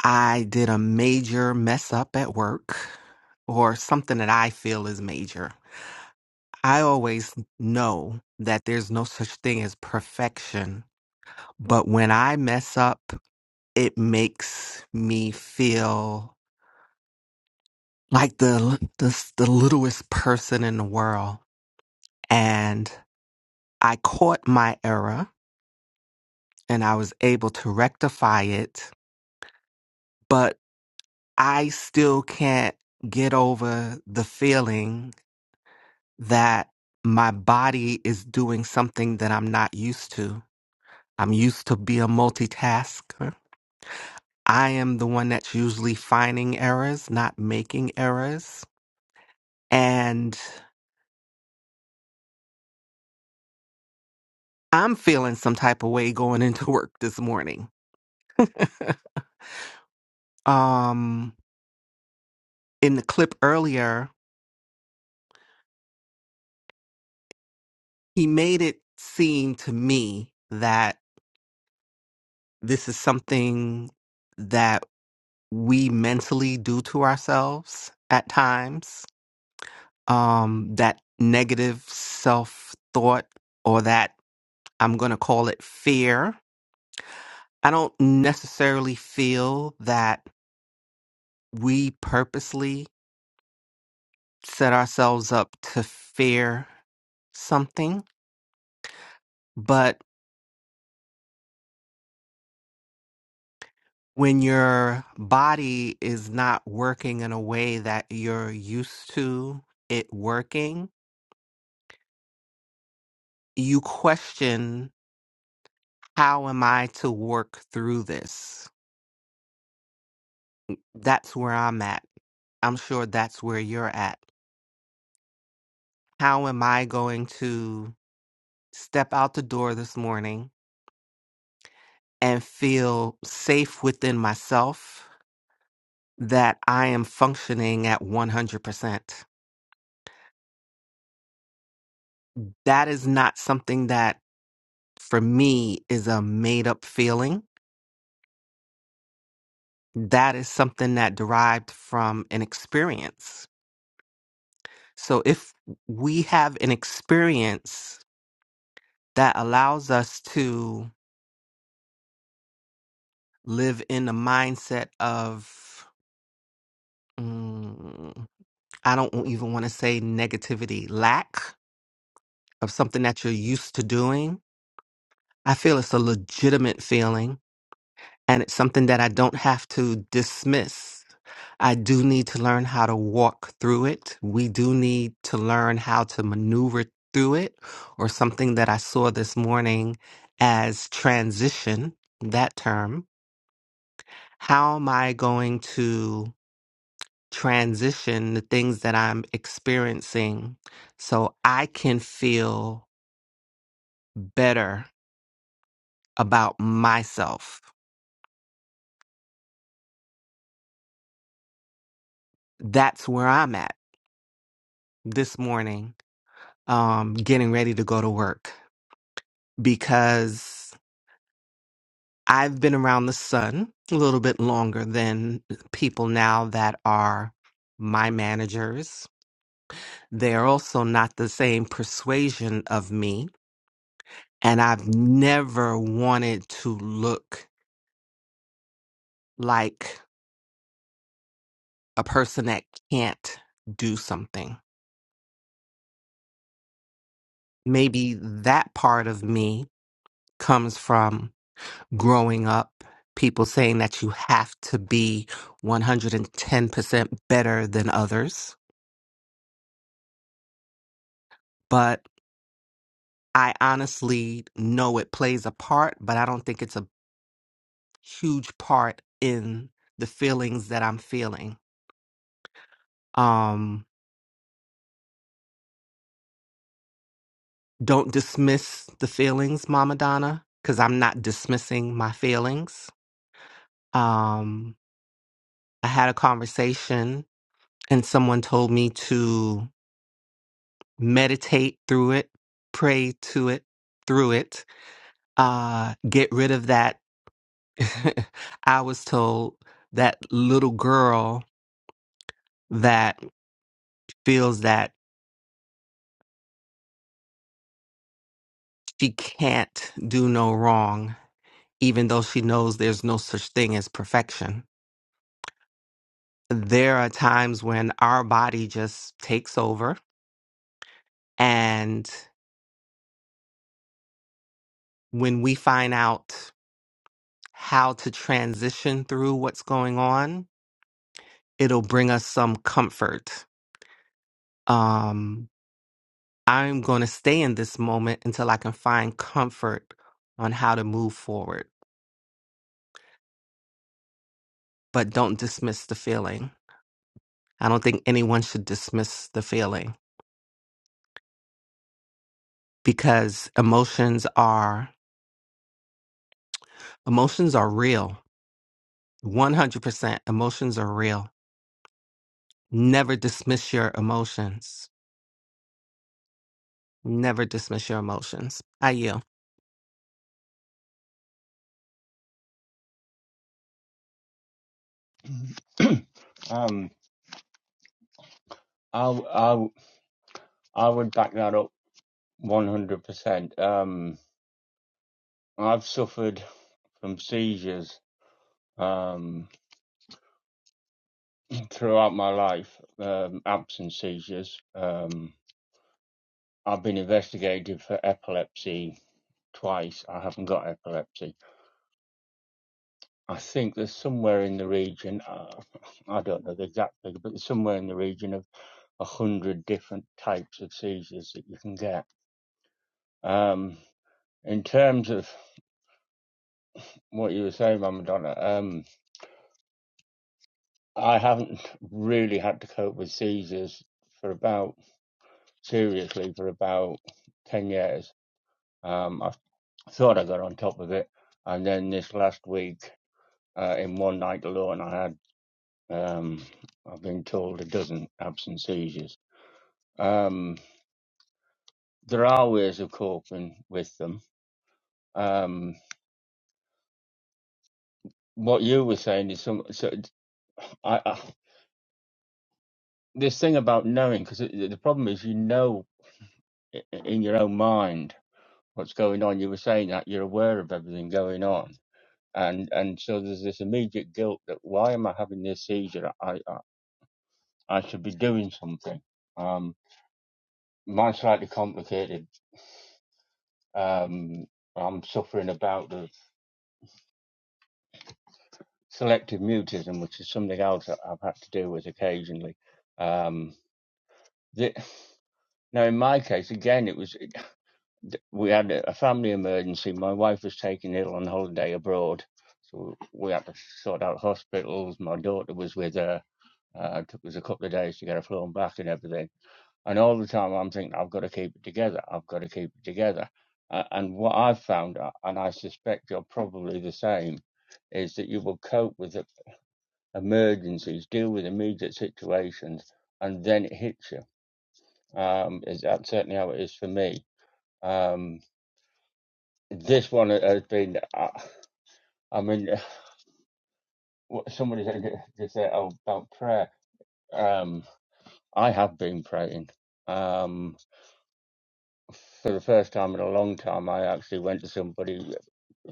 S7: I did a major mess up at work or something that I feel is major. I always know that there's no such thing as perfection, but when I mess up, it makes me feel like the the, the littlest person in the world. And I caught my error and I was able to rectify it, but I still can't get over the feeling that my body is doing something that I'm not used to. I'm used to be a multitasker. I am the one that's usually finding errors, not making errors. And I'm feeling some type of way going into work this morning. Um in the clip earlier, he made it seem to me that this is something that we mentally do to ourselves at times um, that negative self thought or that I'm going to call it fear. I don't necessarily feel that we purposely set ourselves up to fear something, but when your body is not working in a way that you're used to it working, you question how am I to work through this? That's where I'm at. I'm sure that's where you're at how am I going to step out the door this morning and feel safe within myself that I am functioning at 100%? That is not something that for me is a made up feeling. That is something that derived from an experience. So if we have an experience that allows us to live in the mindset of mm, I don't even want to say negativity, lack of something that you're used to doing. I feel it's a legitimate feeling and it's something that I don't have to dismiss. I do need to learn how to walk through it. We do need to learn how to maneuver through it, or something that I saw this morning as transition, that term. How am I going to? transition the things that I'm experiencing so I can feel better about myself. That's where I'm at this morning, um, getting ready to go to work because I've been around the sun a little bit longer than people now that are my managers. They're also not the same persuasion of me. And I've never wanted to look like a person that can't do something. Maybe that part of me comes from growing up, people saying that you have to be 110% better than others. But I honestly know it plays a part, but I don't think it's a huge part in the feelings that I'm feeling. Um, don't dismiss the feelings, Mama Donna, because I'm not dismissing my feelings. Um, I had a conversation and someone told me to meditate through it, pray to it, through it, uh, get rid of that. I was told that little girl that feels that she can't do no wrong, even though she knows there's no such thing as perfection. There are times when our body just takes over and when we find out how to transition through what's going on, it'll bring us some comfort. Um, I'm going to stay in this moment until I can find comfort on how to move forward, but don't dismiss the feeling. I don't think anyone should dismiss the feeling because emotions are emotions are real. 100% emotions are real. Never dismiss your emotions. Never dismiss your emotions. I yield.
S8: um, I w- I w- I would back that up one hundred percent. Um, I've suffered from seizures um throughout my life, um, absent seizures. Um, I've been investigated for epilepsy twice. I haven't got epilepsy. I think there's somewhere in the region. Uh, I don't know the exact figure, but there's somewhere in the region of a hundred different types of seizures that you can get. Um, in terms of what you were saying, Mama Donna, um, I haven't really had to cope with seizures for about, seriously, for about 10 years. Um, I thought I got on top of it. And then this last week, uh, in one night alone, I had, um, I've been told a dozen absent seizures. Um, there are ways of coping with them. Um, what you were saying is some, so I, I, this thing about knowing, because the problem is you know i- in your own mind. what's going on. You were saying that you're aware of everything going on, and and so there's this immediate guilt that why am I having this seizure? I I, I should be doing something. Um, mine's slightly complicated. Um, I'm suffering about the selective mutism, which is something else that I've had to deal with occasionally. Um, the, now, in my case, again, it was. th- we had a family emergency. My wife was taken ill on holiday abroad, so we had to sort out hospitals. My daughter was with her. Uh, it took us a couple of days to get her flown back and everything. And all the time I'm thinking, I've got to keep it together. I've got to keep it together. Uh, and what I've found, uh, and I suspect you're probably the same, is that you will cope with the emergencies, deal with immediate situations, and then it hits you. Um, is that certainly how it is for me? Um, this one has been. I, I mean, what somebody said they said oh, about prayer. Um, I have been praying. Um, for the first time in a long time, I actually went to somebody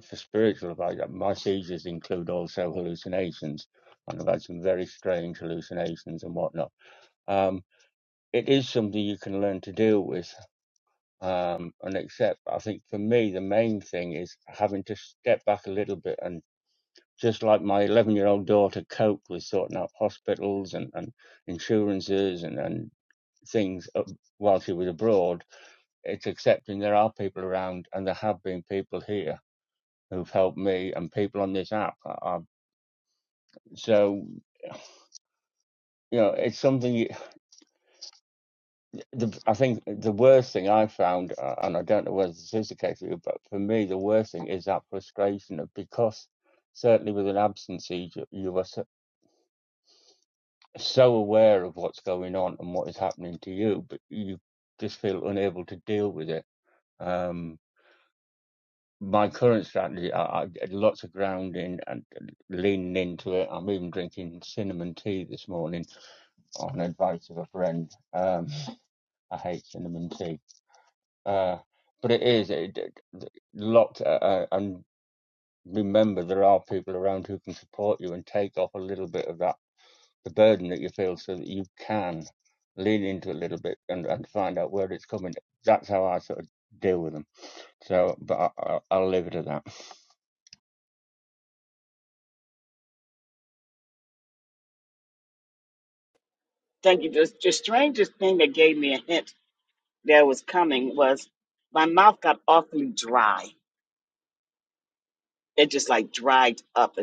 S8: for spiritual advice. Uh, My seizures include also hallucinations, and I've had some very strange hallucinations and whatnot. Um, it is something you can learn to deal with um, and accept. I think for me, the main thing is having to step back a little bit and. just like my 11 year old daughter coped with sorting out hospitals and, and insurances and, and things uh, while she was abroad, it's accepting there are people around and there have been people here who've helped me and people on this app. I, I, so, you know, it's something you, the, I think the worst thing I found, uh, and I don't know whether this is the case for you, but for me, the worst thing is that frustration of because certainly with an absence, you, you were so aware of what's going on and what is happening to you, but you just feel unable to deal with it. Um, my current strategy, I, I did lots of grounding and leaning into it. I'm even drinking cinnamon tea this morning on advice of a friend. Um, I hate cinnamon tea, uh, but it is it, it, locked. Uh, uh, and remember, there are people around who can support you and take off a little bit of that the burden that you feel so that you can lean into it a little bit and, and find out where it's coming. That's how I sort of deal with them. So, but I, I, will leave it at that.
S2: Thank you. The, the strangest thing that gave me a hint that was coming was my mouth got awfully dry. It just like dried up.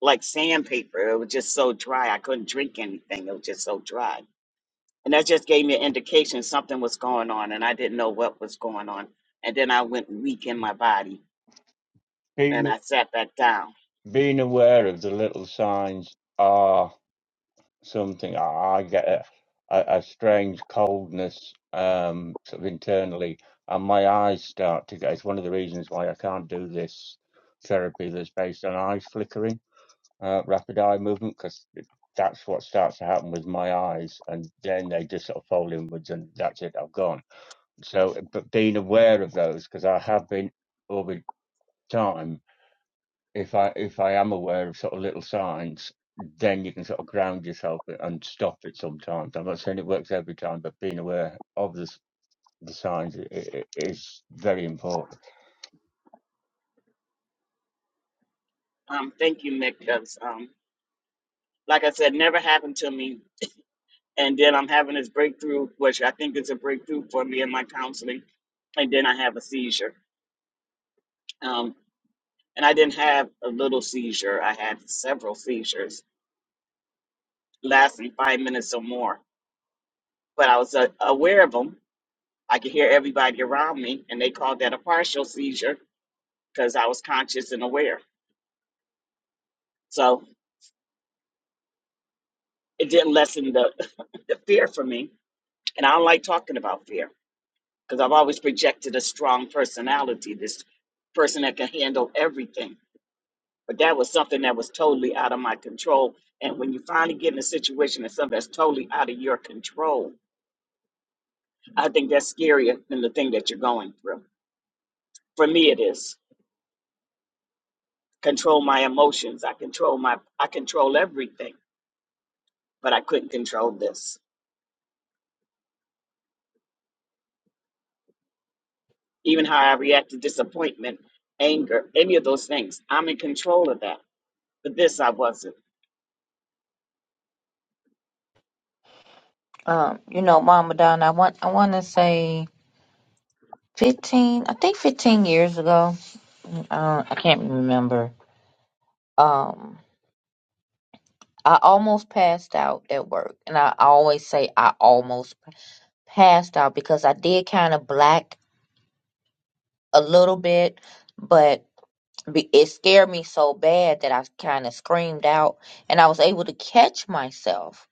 S2: like sandpaper. It was just so dry. I couldn't drink anything. It was just so dry. And that just gave me an indication something was going on and I didn't know what was going on. And then I went weak in my body and
S8: Being,
S2: I sat back down.
S8: being aware of the little signs are something I, I get a, a, a strange coldness um, sort of internally, and my eyes start to get. It's one of the reasons why I can't do this therapy that's based on eyes flickering uh, rapid eye movement because that's what starts to happen with my eyes, and then they just sort of fold inwards, and that's it. I've gone. So, but being aware of those because I have been over time. If I if I am aware of sort of little signs, then you can sort of ground yourself and stop it. Sometimes I'm not saying it works every time, but being aware of the the signs i- i- is very important.
S2: Um, thank you, Mick, 'cause, um, like I said, never happened to me. And then I'm having this breakthrough, which I think is a breakthrough for me in my counseling. And then I have a seizure. Um, and I didn't have a little seizure. I had several seizures lasting five minutes or more but I was uh, aware of them. I could hear everybody around me, and they called that a partial seizure because I was conscious and aware. So it didn't lessen the, the fear for me. And I don't like talking about fear because I've always projected a strong personality, this person that can handle everything. But that was something that was totally out of my control. And when you finally get in a situation that's something that's totally out of your control, I think that's scarier than the thing that you're going through. For me, it is. control my emotions. I control my I control everything, but I couldn't control this. Even how I react to disappointment, anger, any of those things. I'm in control of that. But this I wasn't.
S6: Um, you know, Mama Don, I want I want to say fifteen. I think fifteen years ago. Uh, I can't remember. Um, I almost passed out at work. And I always say I almost passed out because I did kind of black a little bit, but be- it scared me so bad that I kind of screamed out and I was able to catch myself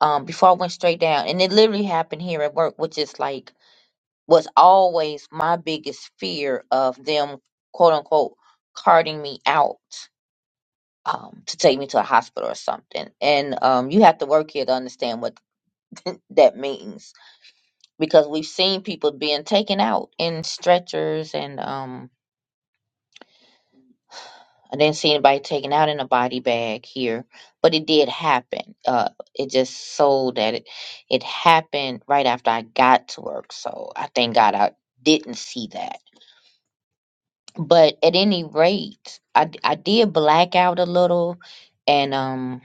S6: um, before I went straight down. And it literally happened here at work, which is like was always my biggest fear of them, quote unquote, carting me out. Um, to take me to a hospital or something, and um, you have to work here to understand what that means because we've seen people being taken out in stretchers and um I didn't see anybody taken out in a body bag here, but it did happen. Uh it just so that it it happened right after I got to work. So I thank God I didn't see that. But at any rate, I d- I did black out a little and um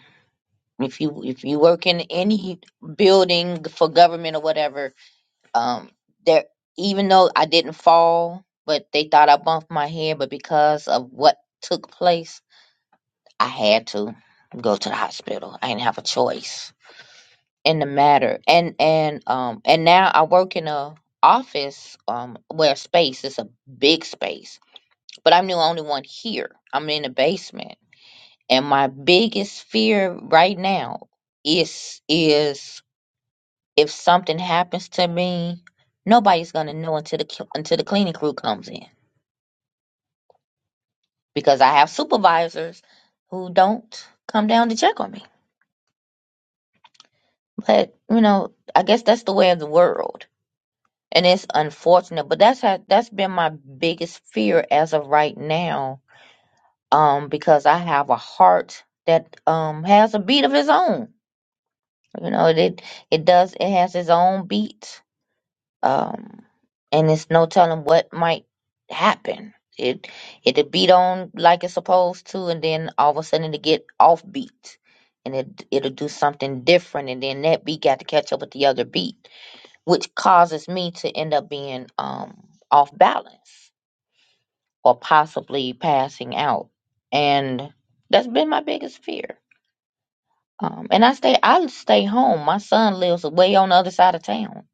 S6: if you if you work in any building for government or whatever um there even though I didn't fall, but they thought I bumped my head, but because of what took place, I had to go to the hospital. I didn't have a choice in the matter. And and um and now I work in a office um where space is a big space. But I'm the only one here. I'm in the basement. And my biggest fear right now is is if something happens to me, nobody's gonna know until the cl- until the cleaning crew comes in because I have supervisors who don't come down to check on me. But you know, I guess that's the way of the world, and it's unfortunate. But that's how, that's been my biggest fear as of right now, um, because I have a heart that um has a beat of its own. You know, it it does it has its own beat um, and it's no telling what might happen. It it'll beat on like it's supposed to, and then all of a sudden it'll get off beat, and it it'll do something different, and then that beat got to catch up with the other beat, which causes me to end up being um off balance or possibly passing out, and that's been my biggest fear. Um, and I stay I stay home. My son lives way on the other side of town,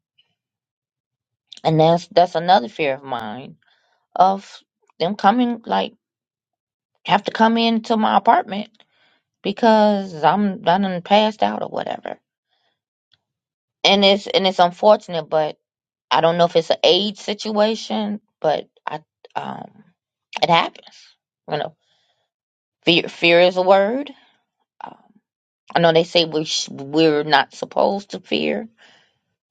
S6: and that's that's another fear of mine of them coming, like, have to come into my apartment because I'm I done passed out or whatever. And it's and it's unfortunate, but I don't know if it's an age situation, but I um it happens. You know, fear fear is a word. Um, I know they say we sh- we're not supposed to fear,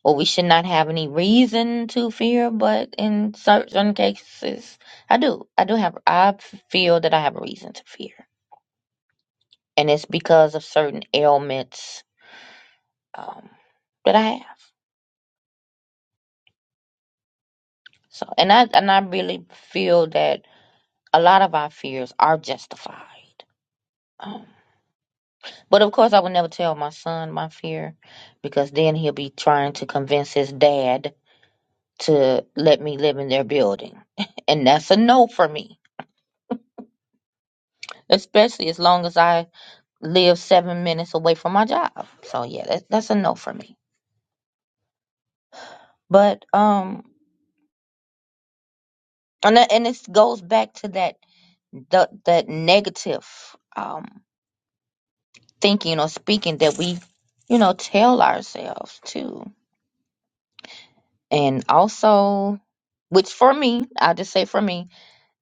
S6: or we should not have any reason to fear, but in certain cases, I do. I do have. I feel that I have a reason to fear. and it's because of certain ailments um, that I have. So, and I and I really feel that a lot of our fears are justified. Um, but of course, I would never tell my son my fear because then he'll be trying to convince his dad to let me live in their building, and that's a no for me. Especially as long as I live seven minutes away from my job. So yeah, that, that's a no for me. But um, and that, and this goes back to that. the that negative um, thinking or speaking that we, you know, tell ourselves too. And also, which for me, I just say for me,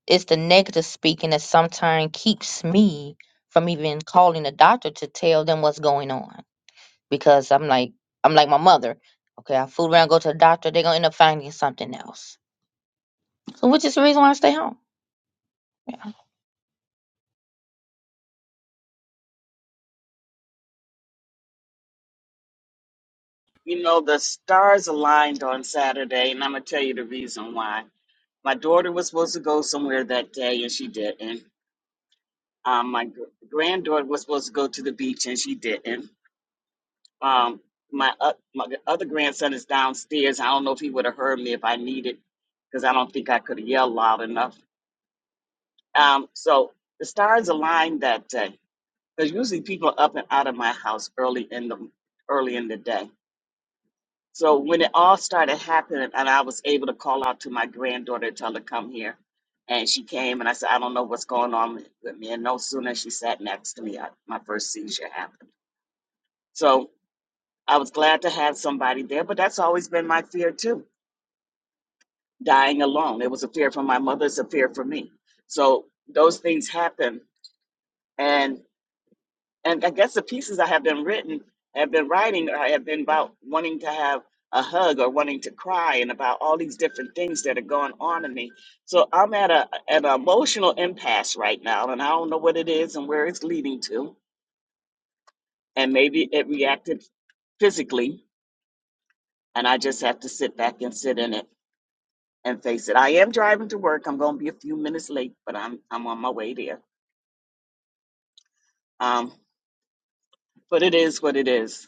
S6: it's the negative speaking that sometimes keeps me from even calling the doctor to tell them what's going on because I'm like I'm like my mother. Okay, I fool around, go to the doctor, they're gonna end up finding something else. So, which is the reason why I stay home.
S2: You know, the stars aligned on Saturday, and I'm gonna tell you the reason why. My daughter was supposed to go somewhere that day, and she didn't. Um, my gr- granddaughter was supposed to go to the beach, and she didn't. Um, my, uh, my other grandson is downstairs. I don't know if he would have heard me if I needed, because I don't think I could have yelled loud enough. Um, so the stars aligned that day, because usually people are up and out of my house early in the early in the day. So when it all started happening, and I was able to call out to my granddaughter to tell her to come here, and she came, and I said, I don't know what's going on with me. And no sooner she sat next to me, I, my first seizure happened. So I was glad to have somebody there, but that's always been my fear too. Dying alone. It was a fear for my mother, it's a fear for me. So those things happen. And and I guess the pieces I have been written, have been writing, or I have been about wanting to have a hug or wanting to cry and about all these different things that are going on in me. So I'm at a an emotional impasse right now and I don't know what it is and where it's leading to. And maybe it reacted physically and I just have to sit back and sit in it and face it. I am driving to work. I'm going to be a few minutes late, but I'm I'm on my way there. Um, but it is what it is.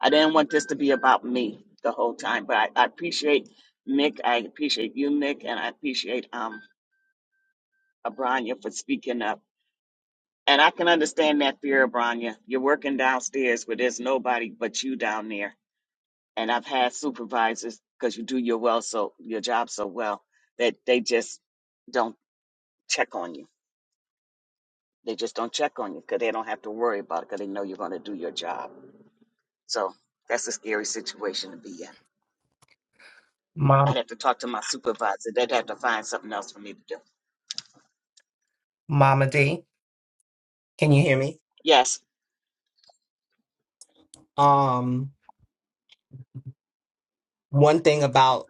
S2: I didn't want this to be about me the whole time, but I, I appreciate Mick. I appreciate you, Mick, and I appreciate um Abranya for speaking up. And I can understand that fear, Abranya. You're working downstairs where there's nobody but you down there. And I've had supervisors because you do your well so your job so well that they just don't check on you They just don't check on you because they don't have to worry about it because they know you're going to do your job. So that's a scary situation to be in. I'd
S7: Mom,
S2: have to talk to my supervisor. They'd have to find something else for me to do.
S7: Mama D, can you hear me?
S2: Yes.
S7: um one thing about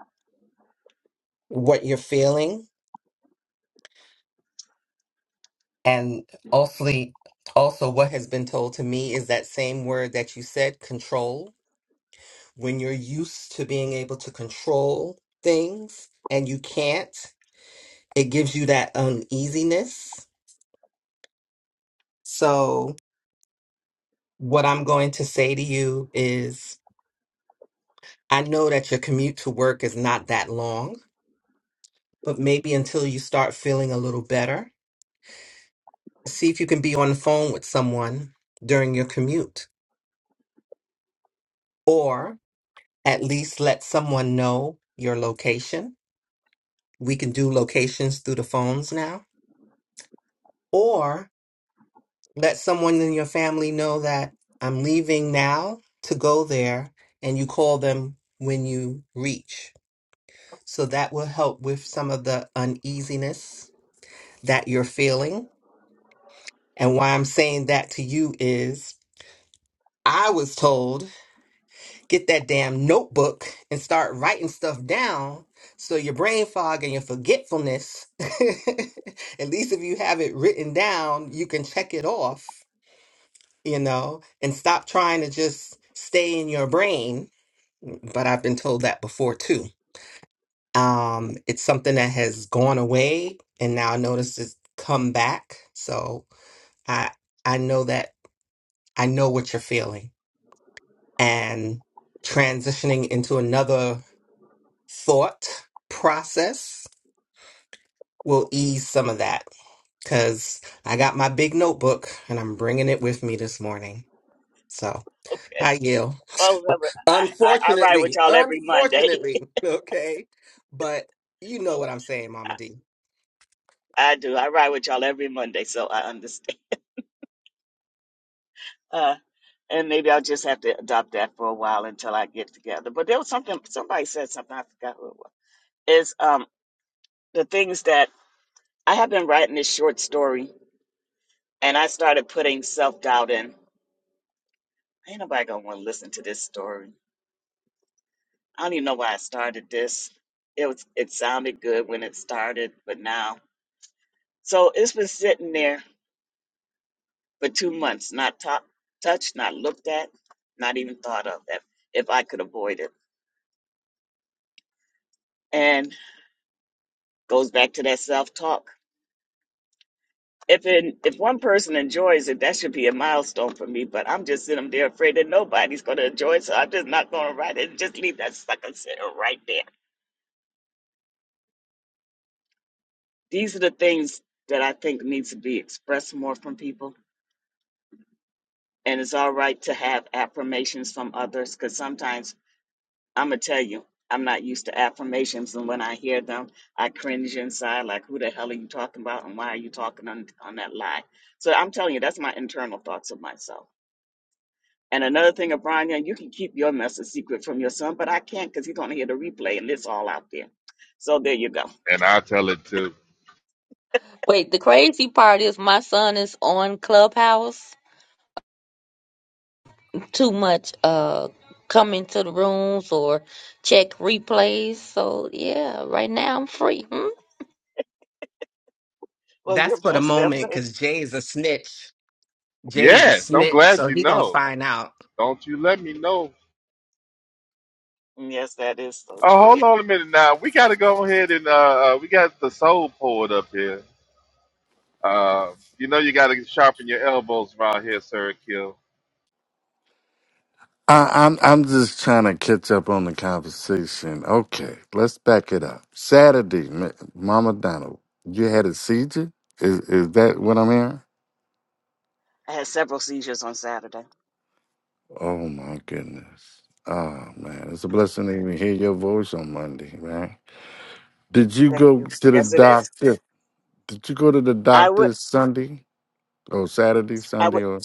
S7: what you're feeling and also also what has been told to me is that same word that you said control when you're used to being able to control things and you can't it gives you that uneasiness so what i'm going to say to you is i know that your commute to work is not that long but maybe until you start feeling a little better See if you can be on the phone with someone during your commute, or at least let someone know your location. We can do locations through the phones now, or let someone in your family know that I'm leaving now to go there, and you call them when you reach. So that will help with some of the uneasiness that you're feeling. And why I'm saying that to you is I was told get that damn notebook and start writing stuff down so your brain fog and your forgetfulness at least if you have it written down you can check it off you know and stop trying to just stay in your brain but i've been told that before too um it's something that has gone away and now i notice it's come back so i i know that i know what you're feeling and transitioning into another thought process will ease some of that because I got my big notebook and I'm bringing it with me this morning. So
S2: Okay.
S7: I yield.
S2: Well, remember, I, I, I ride with
S7: Unfortunately,
S2: y'all every Monday.
S7: unfortunately, okay. But you know what I'm saying, Mama D.
S2: I do. I ride with y'all every Monday, so I understand. Uh, and maybe I'll just have to adopt that for a while until I get together. But there was something, somebody said something, I forgot who it was. Is um, the things that I have been writing this short story and I started putting self doubt in. Ain't nobody gonna want to listen to this story. I don't even know why I started this. It was it sounded good when it started, but now so it's been sitting there for two months, not top, touched, not looked at, not even thought of. If if I could avoid it, and goes back to that self talk. If it, if one person enjoys it, that should be a milestone for me. But I'm just sitting there afraid that nobody's gonna enjoy it, so I'm just not gonna write it. Just leave that sucker sitting right there These are the things that I think needs to be expressed more from people. And it's all right to have affirmations from others because sometimes I'm going to tell you, I'm not used to affirmations. And when I hear them, I cringe inside like, who the hell are you talking about? And why are you talking on, on that lie? So I'm telling you, that's my internal thoughts of myself. And another thing, Abranya, you can keep your message secret from your son, but I can't because he's going to hear the replay and it's all out there. So there you go.
S3: And i tell it too.
S6: Wait, the crazy part is my son is on Clubhouse too much uh come into the rooms or check replays. So yeah, right now I'm free. Hmm?
S2: Well,
S7: That's
S2: you're
S7: for the
S2: blessed that
S7: moment
S2: way.
S7: because Jay's a snitch. Jay's a
S3: Yes, I'm
S7: snitch,
S3: glad
S7: so
S3: you
S7: he gonna
S3: know.
S7: find out.
S3: Don't you let me know.
S2: Mm, Yes, that is so
S3: Oh,
S2: true.
S3: hold on a minute now. We got to go ahead and uh, uh, we got the soul poet up here. Uh, you know you got to sharpen your elbows around here, sir Akil.
S9: I, I'm I'm just trying to catch up on the conversation. Okay, let's back it up. Saturday, Ma- Mama Donald, you had a seizure. Is is that what I'm hearing?
S2: I had several seizures on Saturday.
S9: Oh my goodness. Oh man, it's a blessing to even hear your voice on Monday, man. Did you
S2: Thank
S9: go
S2: you.
S9: to the
S2: Yes, it is.
S9: doctor? Did you go to the
S2: I would.
S9: doctor Sunday or Saturday,
S2: I
S9: Sunday
S2: would.
S9: or?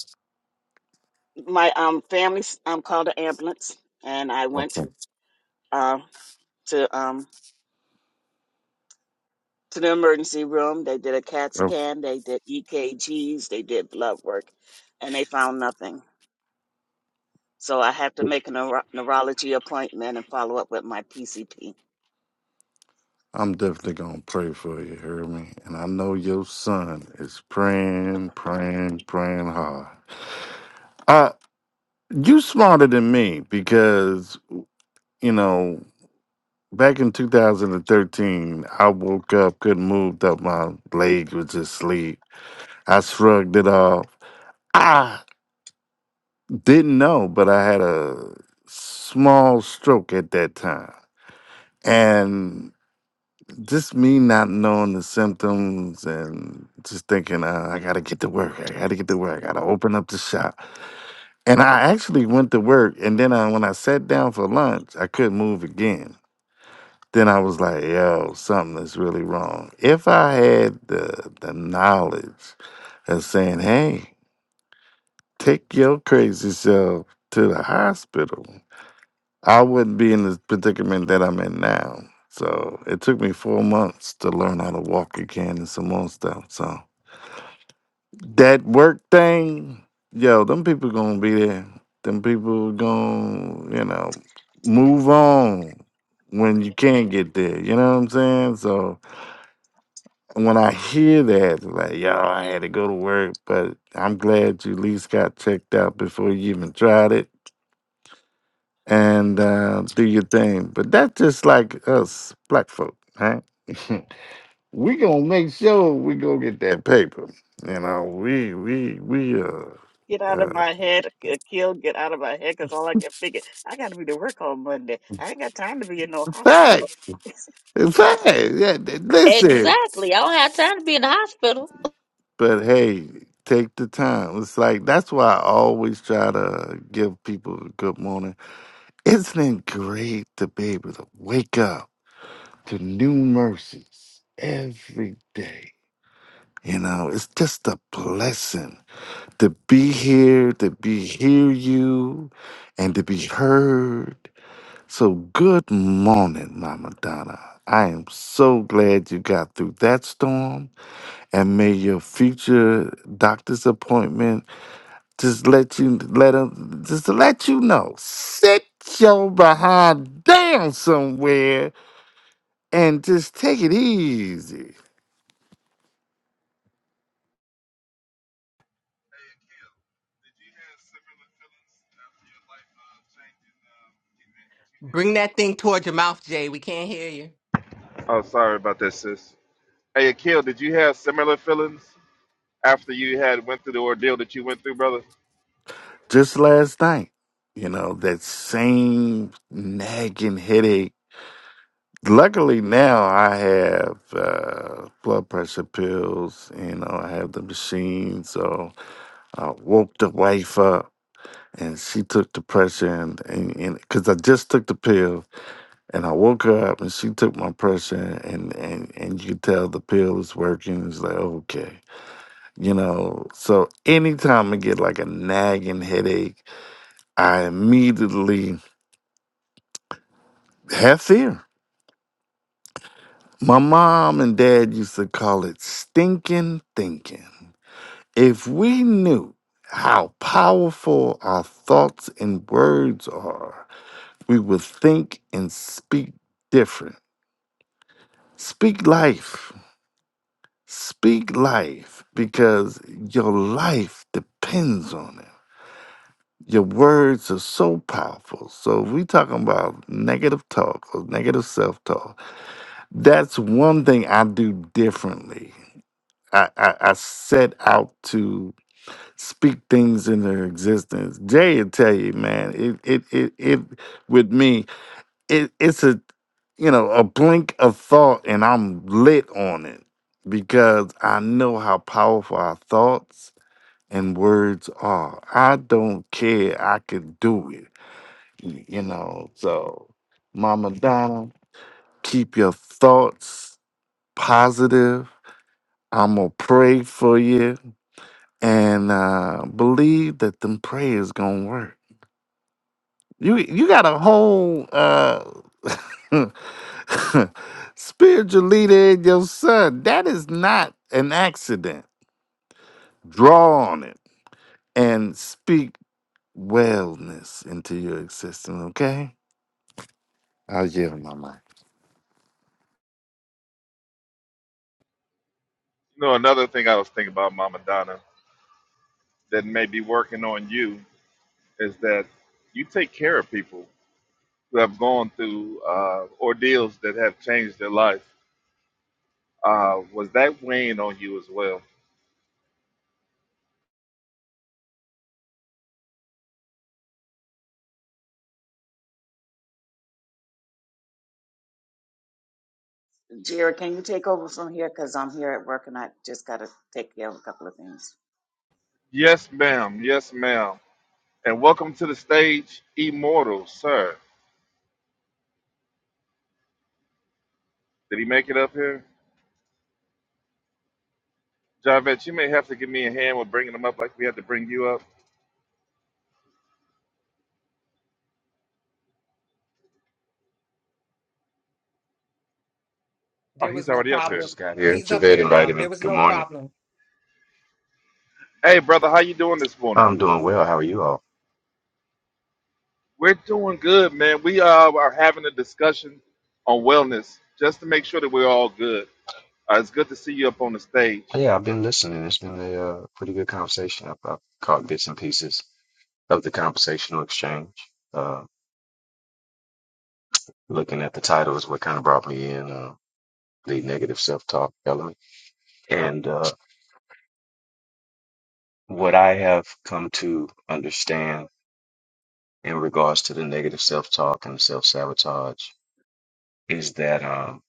S2: My um family um called an ambulance, and I went
S9: Okay.
S2: um to um to the emergency room. They did a CAT
S9: Oh,
S2: scan. They did EKGs. They did blood work, and they found nothing. So I have to make a neuro- neurology appointment and follow up with my PCP.
S9: I'm definitely gonna pray for you, hear me? And I know your son is praying, praying, praying hard. Uh you smarter than me because, you know, back in 2013, I woke up, couldn't move up my leg was asleep. I shrugged it off. I didn't know, but I had a small stroke at that time. And just me not knowing the symptoms and just thinking uh, i gotta get to work i gotta get to work i gotta open up the shop and i actually went to work and then I, when i sat down for lunch i couldn't move again then i was like yo something is really wrong if i had the, the knowledge of saying hey take your crazy self to the hospital I wouldn't be in the predicament that I'm in now. So it took me four months to learn how to walk again and some more stuff. So that work thing, yo, them people gonna be there. Them people gonna, you know, move on when you can't get there. You know what I'm saying? So when I hear that, like, yo, I had to go to work, but I'm glad you at least got checked out before you even tried it and uh, do your thing. But that's just like us black folk, right? we gonna make sure we go get that paper. You know, we we we uh,
S2: Get out of
S9: uh
S2: my head, kill, get out of my head, 'cause all I can figure, I got to be to work on Monday. I ain't got time to be in no
S9: in
S2: hospital.
S9: fact, in fact. Yeah, th- listen.
S6: Exactly. I don't have time to be in the hospital.
S9: But hey, take the time. It's like that's why I always try to give people a good morning. Isn't it great to be able to wake up to new mercies every day? You know, it's just a blessing to be here, to be hear you, and to be heard. So good morning, Mama Donna. I am so glad you got through that storm, and may your future doctor's appointment just let you let 'em- just to let you know. Sit your behind down somewhere and just take it easy.
S7: Bring that thing towards your mouth, Jay. We can't hear you.
S3: Oh, sorry about that, sis. Hey, Akil, did you have similar feelings after you had went through the ordeal that you went through, brother.
S9: Just last night, you know that same nagging headache Luckily now I have uh, blood pressure pills. You know, I have the machine, so I woke the wife up. And she took the pressure, and and because I just took the pill, and I woke her up, and she took my pressure, and and and you could tell the pill is working. It's like okay, you know. So anytime I get like a nagging headache, I immediately have fear. My mom and dad used to call it stinking thinking. If we knew how powerful our thoughts and words are, we would think and speak different. Speak life. Speak life because your life depends on it. Your words are so powerful. So if we talking about negative talk or negative self-talk, that's one thing I do differently. I, I, I set out to speak things into existence. Jay will tell you, man, it it it, it with me, it, it's a you know, a blink of thought and I'm lit on it because I know how powerful our thoughts and words are. I don't care, I could do it. y- You know, so Mama Donna, keep your thoughts positive. I'm gonna pray for you and uh, believe that them prayers gonna work You you got a whole uh spiritual leader in your son. That is not an accident. Draw on it and speak wellness into your existence, okay? I'll yield my mind.
S3: You know, another thing I was thinking about Mama Donna that may be working on you is that you take care of people who have gone through uh, ordeals that have changed their life. Uh, was that weighing on you as well?
S2: Jared, can you take over from here? Because I'm here at work and I just got to take care of a couple of things.
S3: Yes, ma'am. Yes, ma'am. And welcome to the stage, Immortal, sir. Did he make it up here? Javette, you may have to give me a hand with bringing him up like we had to bring you up. Oh,
S7: There
S3: he's
S7: was no
S3: already up
S10: I
S3: here.
S7: problem.
S10: just got here.
S7: He's up
S10: Javed
S7: here now.
S10: invited me.
S7: There was
S10: Good
S7: no
S10: morning.
S7: problem.
S3: Hey, brother, how you doing this morning?
S10: I'm doing well. How are you all?
S3: We're doing good, man. We uh, are having a discussion on wellness just to make sure that we're all good. Uh, it's good to see you up on the stage.
S10: Yeah, I've been listening. It's been a uh, pretty good conversation. I've, I've caught bits and pieces of the conversational exchange. Uh, looking at the title is what kind of brought me in, uh, the negative self-talk element. And uh, what I have come to understand in regards to the negative self-talk and self-sabotage is that um,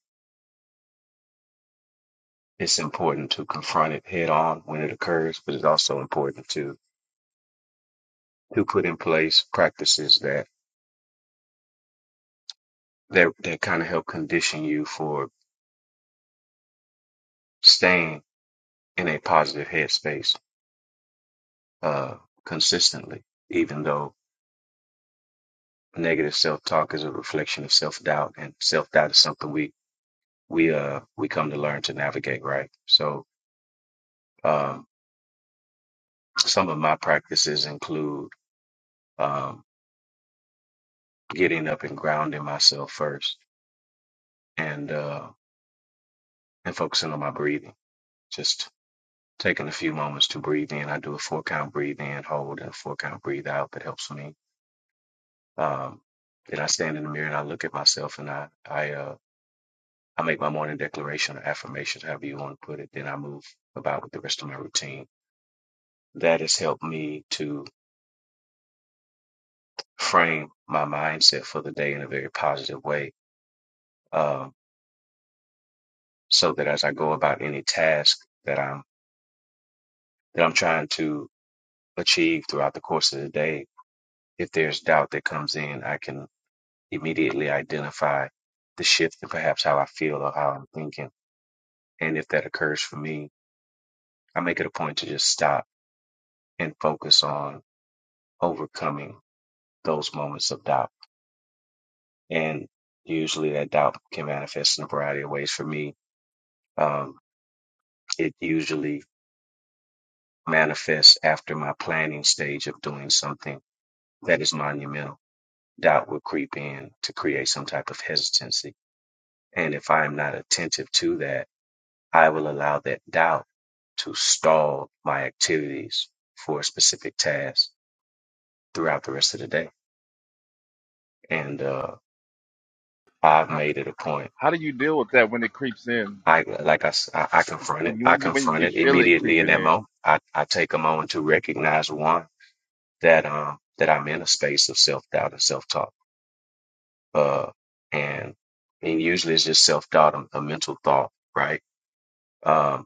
S10: it's important to confront it head on when it occurs, but it's also important to to put in place practices that that, that kind of help condition you for staying in a positive headspace uh, consistently, even though negative self talk is a reflection of self doubt, and self doubt is something we we uh we come to learn to navigate, right? So um, some of my practices include um, getting up and grounding myself first, and uh, and focusing on my breathing just. taking a few moments to breathe in. I do a four count breathe in, hold, and a four count breathe out. That helps me. Um, then I stand in the mirror and I look at myself and I I uh, I make my morning declaration or affirmations, however you want to put it. Then I move about with the rest of my routine. That has helped me to frame my mindset for the day in a very positive way, um, so that as I go about any task that I'm that I'm trying to achieve throughout the course of the day, if there's doubt that comes in, I can immediately identify the shift in perhaps how I feel or how I'm thinking. And if that occurs for me, I make it a point to just stop and focus on overcoming those moments of doubt. And usually that doubt can manifest in a variety of ways for me. Um, it usually manifests after my planning stage of doing something that is monumental. Doubt will creep in to create some type of hesitancy. And if I am not attentive to that, I will allow that doubt to stall my activities for a specific task throughout the rest of the day. And uh, I've
S3: How,
S10: made it a point.
S3: how do you deal with that when it creeps in?
S10: I like I, s- I- I confront
S3: When
S10: it.
S3: you
S10: I
S3: when you when
S10: confront
S3: you
S10: it
S3: feel it
S10: immediately in
S3: creeping
S10: that
S3: in,
S10: moment. I, I take a moment to recognize one that um that I'm in a space of self doubt and self talk. Uh, and and usually it's just self doubt, a, a mental thought, right? Um,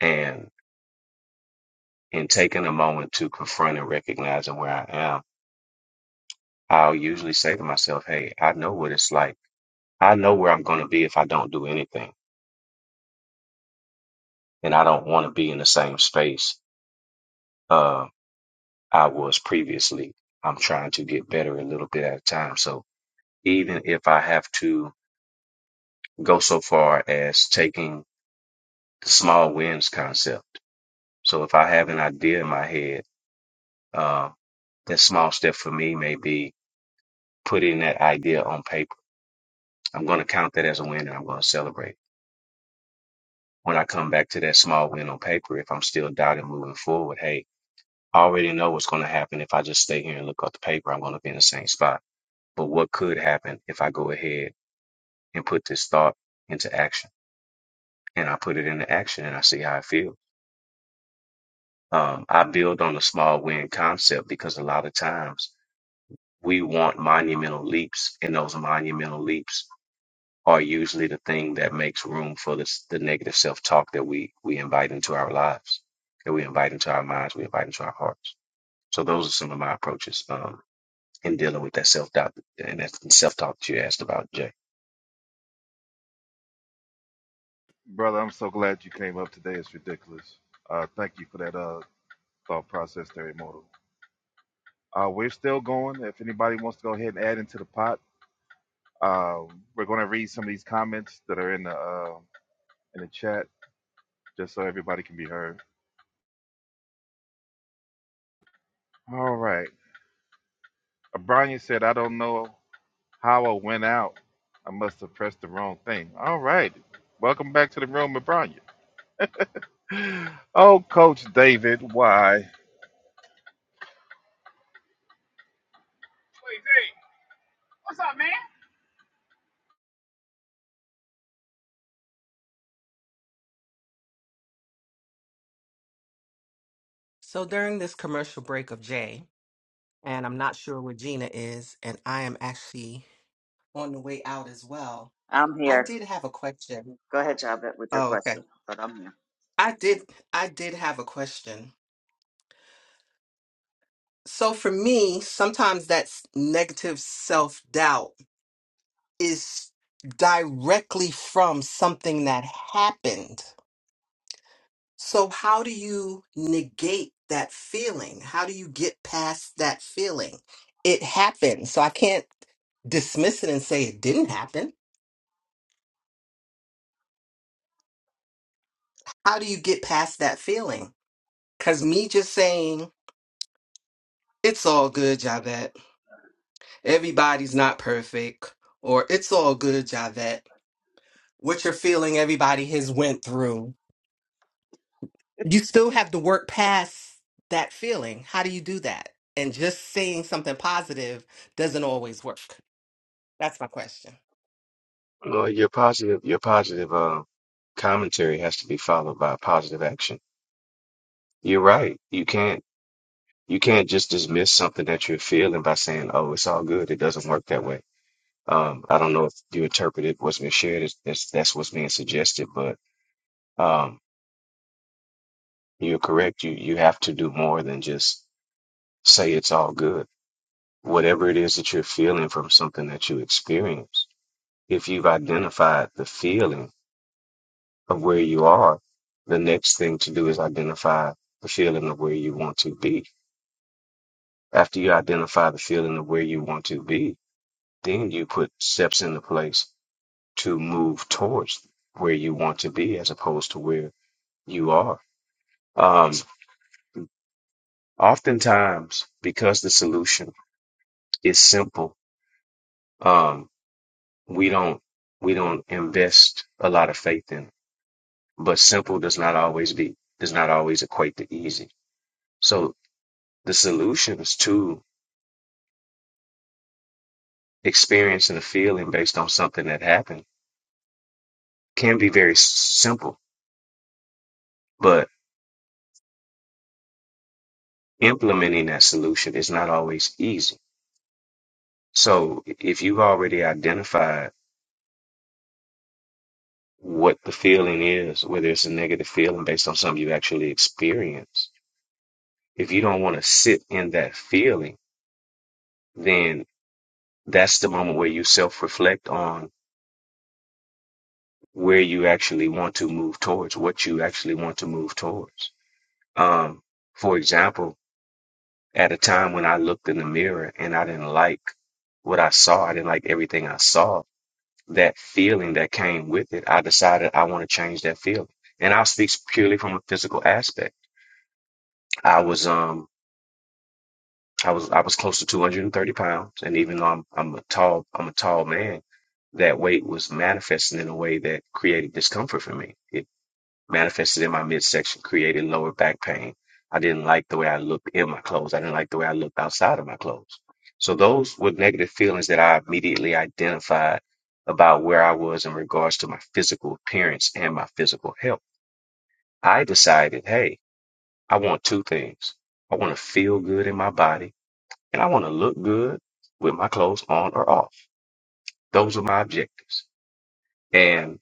S10: and in taking a moment to confront and recognizing where I am I'll usually say to myself, hey, I know what it's like. I know where I'm going to be if I don't do anything. And I don't want to be in the same space uh, I was previously. I'm trying to get better a little bit at a time. So even if I have to go so far as taking the small wins concept. So if I have an idea in my head, uh, that small step for me may be putting that idea on paper. I'm going to count that as a win and I'm going to celebrate. when I come back to that small win on paper, if I'm still doubting moving forward, hey, I already know what's going to happen. If I just stay here and look at the paper, I'm going to be in the same spot. But what could happen if I go ahead and put this thought into action? And I put it into action and I see how I feel. Um, I build on the small win concept because a lot of times we want monumental leaps, and those monumental leaps are usually the thing that makes room for this, the negative self-talk that we we invite into our lives, that we invite into our minds, we invite into our hearts. So those are some of my approaches um, in dealing with that self-doubt and that self-talk that you asked about, Jay.
S3: brother. I'm so glad you came up today. It's ridiculous. Uh, thank you for that uh, thought process, there, immortal. Uh, we're still going. If anybody wants to go ahead and add into the pot, uh, we're going to read some of these comments that are in the uh, in the chat just so everybody can be heard. All right. O'Brien said, I don't know how I went out. I must have pressed the wrong thing. All right. Welcome back to the room, O'Brien. Oh, Coach David, why?
S7: So during this commercial break of Jay, and I'm not sure where Gina is, and I am actually on the way out as well.
S2: I'm
S7: I
S2: here.
S7: did have a question.
S2: Go ahead, Javette, with your
S7: Oh, okay.
S2: question, but I'm here.
S7: I did I did have a question. So for me, sometimes that's negative self-doubt is directly from something that happened. So how do you negate that feeling? How do you get past that feeling? It happened. So I can't dismiss it and say it didn't happen How do you get past that feeling? Because me just saying, it's all good, Javette. Everybody's not perfect. Or it's all good, Javette. What you're feeling everybody has went through. You still have to work past that feeling. How do you do that? And just saying something positive doesn't always work. That's my question.
S10: Well, your positive, your positive uh, commentary has to be followed by positive action. You're right. You can't you can't just dismiss something that you're feeling by saying, "Oh, it's all good." It doesn't work that way. Um, I don't know if you interpreted what's been shared as, as that's what's being suggested, but Um, you're correct. You you have to do more than just say it's all good. Whatever it is that you're feeling from something that you experience, if you've identified the feeling of where you are, the next thing to do is identify the feeling of where you want to be. After you identify the feeling of where you want to be, then you put steps into place to move towards where you want to be as opposed to where you are. Um, oftentimes, because the solution is simple um, we don't we don't invest a lot of faith in. But simple does not always be does not always equate to easy. So the solutions to experiencing a feeling based on something that happened can be very s- simple, but implementing that solution is not always easy. So if you've already identified what the feeling is, whether it's a negative feeling based on something you actually experience, if you don't want to sit in that feeling, then that's the moment where you self reflect on where you actually want to move towards, what you actually want to move towards. Um, for example, at a time when I looked in the mirror and I didn't like what I saw, I didn't like everything I saw, that feeling that came with it, I decided I want to change that feeling. And I'll speak purely from a physical aspect. I was, um. I was I was close to 230 pounds, and even though I'm I'm a tall I'm a tall man, that weight was manifesting in a way that created discomfort for me. It manifested in my midsection, created lower back pain. I didn't like the way I looked in my clothes. I didn't like the way I looked outside of my clothes. So those were negative feelings that I immediately identified about where I was in regards to my physical appearance and my physical health. I decided, hey, I want two things. I want to feel good in my body and I want to look good with my clothes on or off. Those are my objectives. And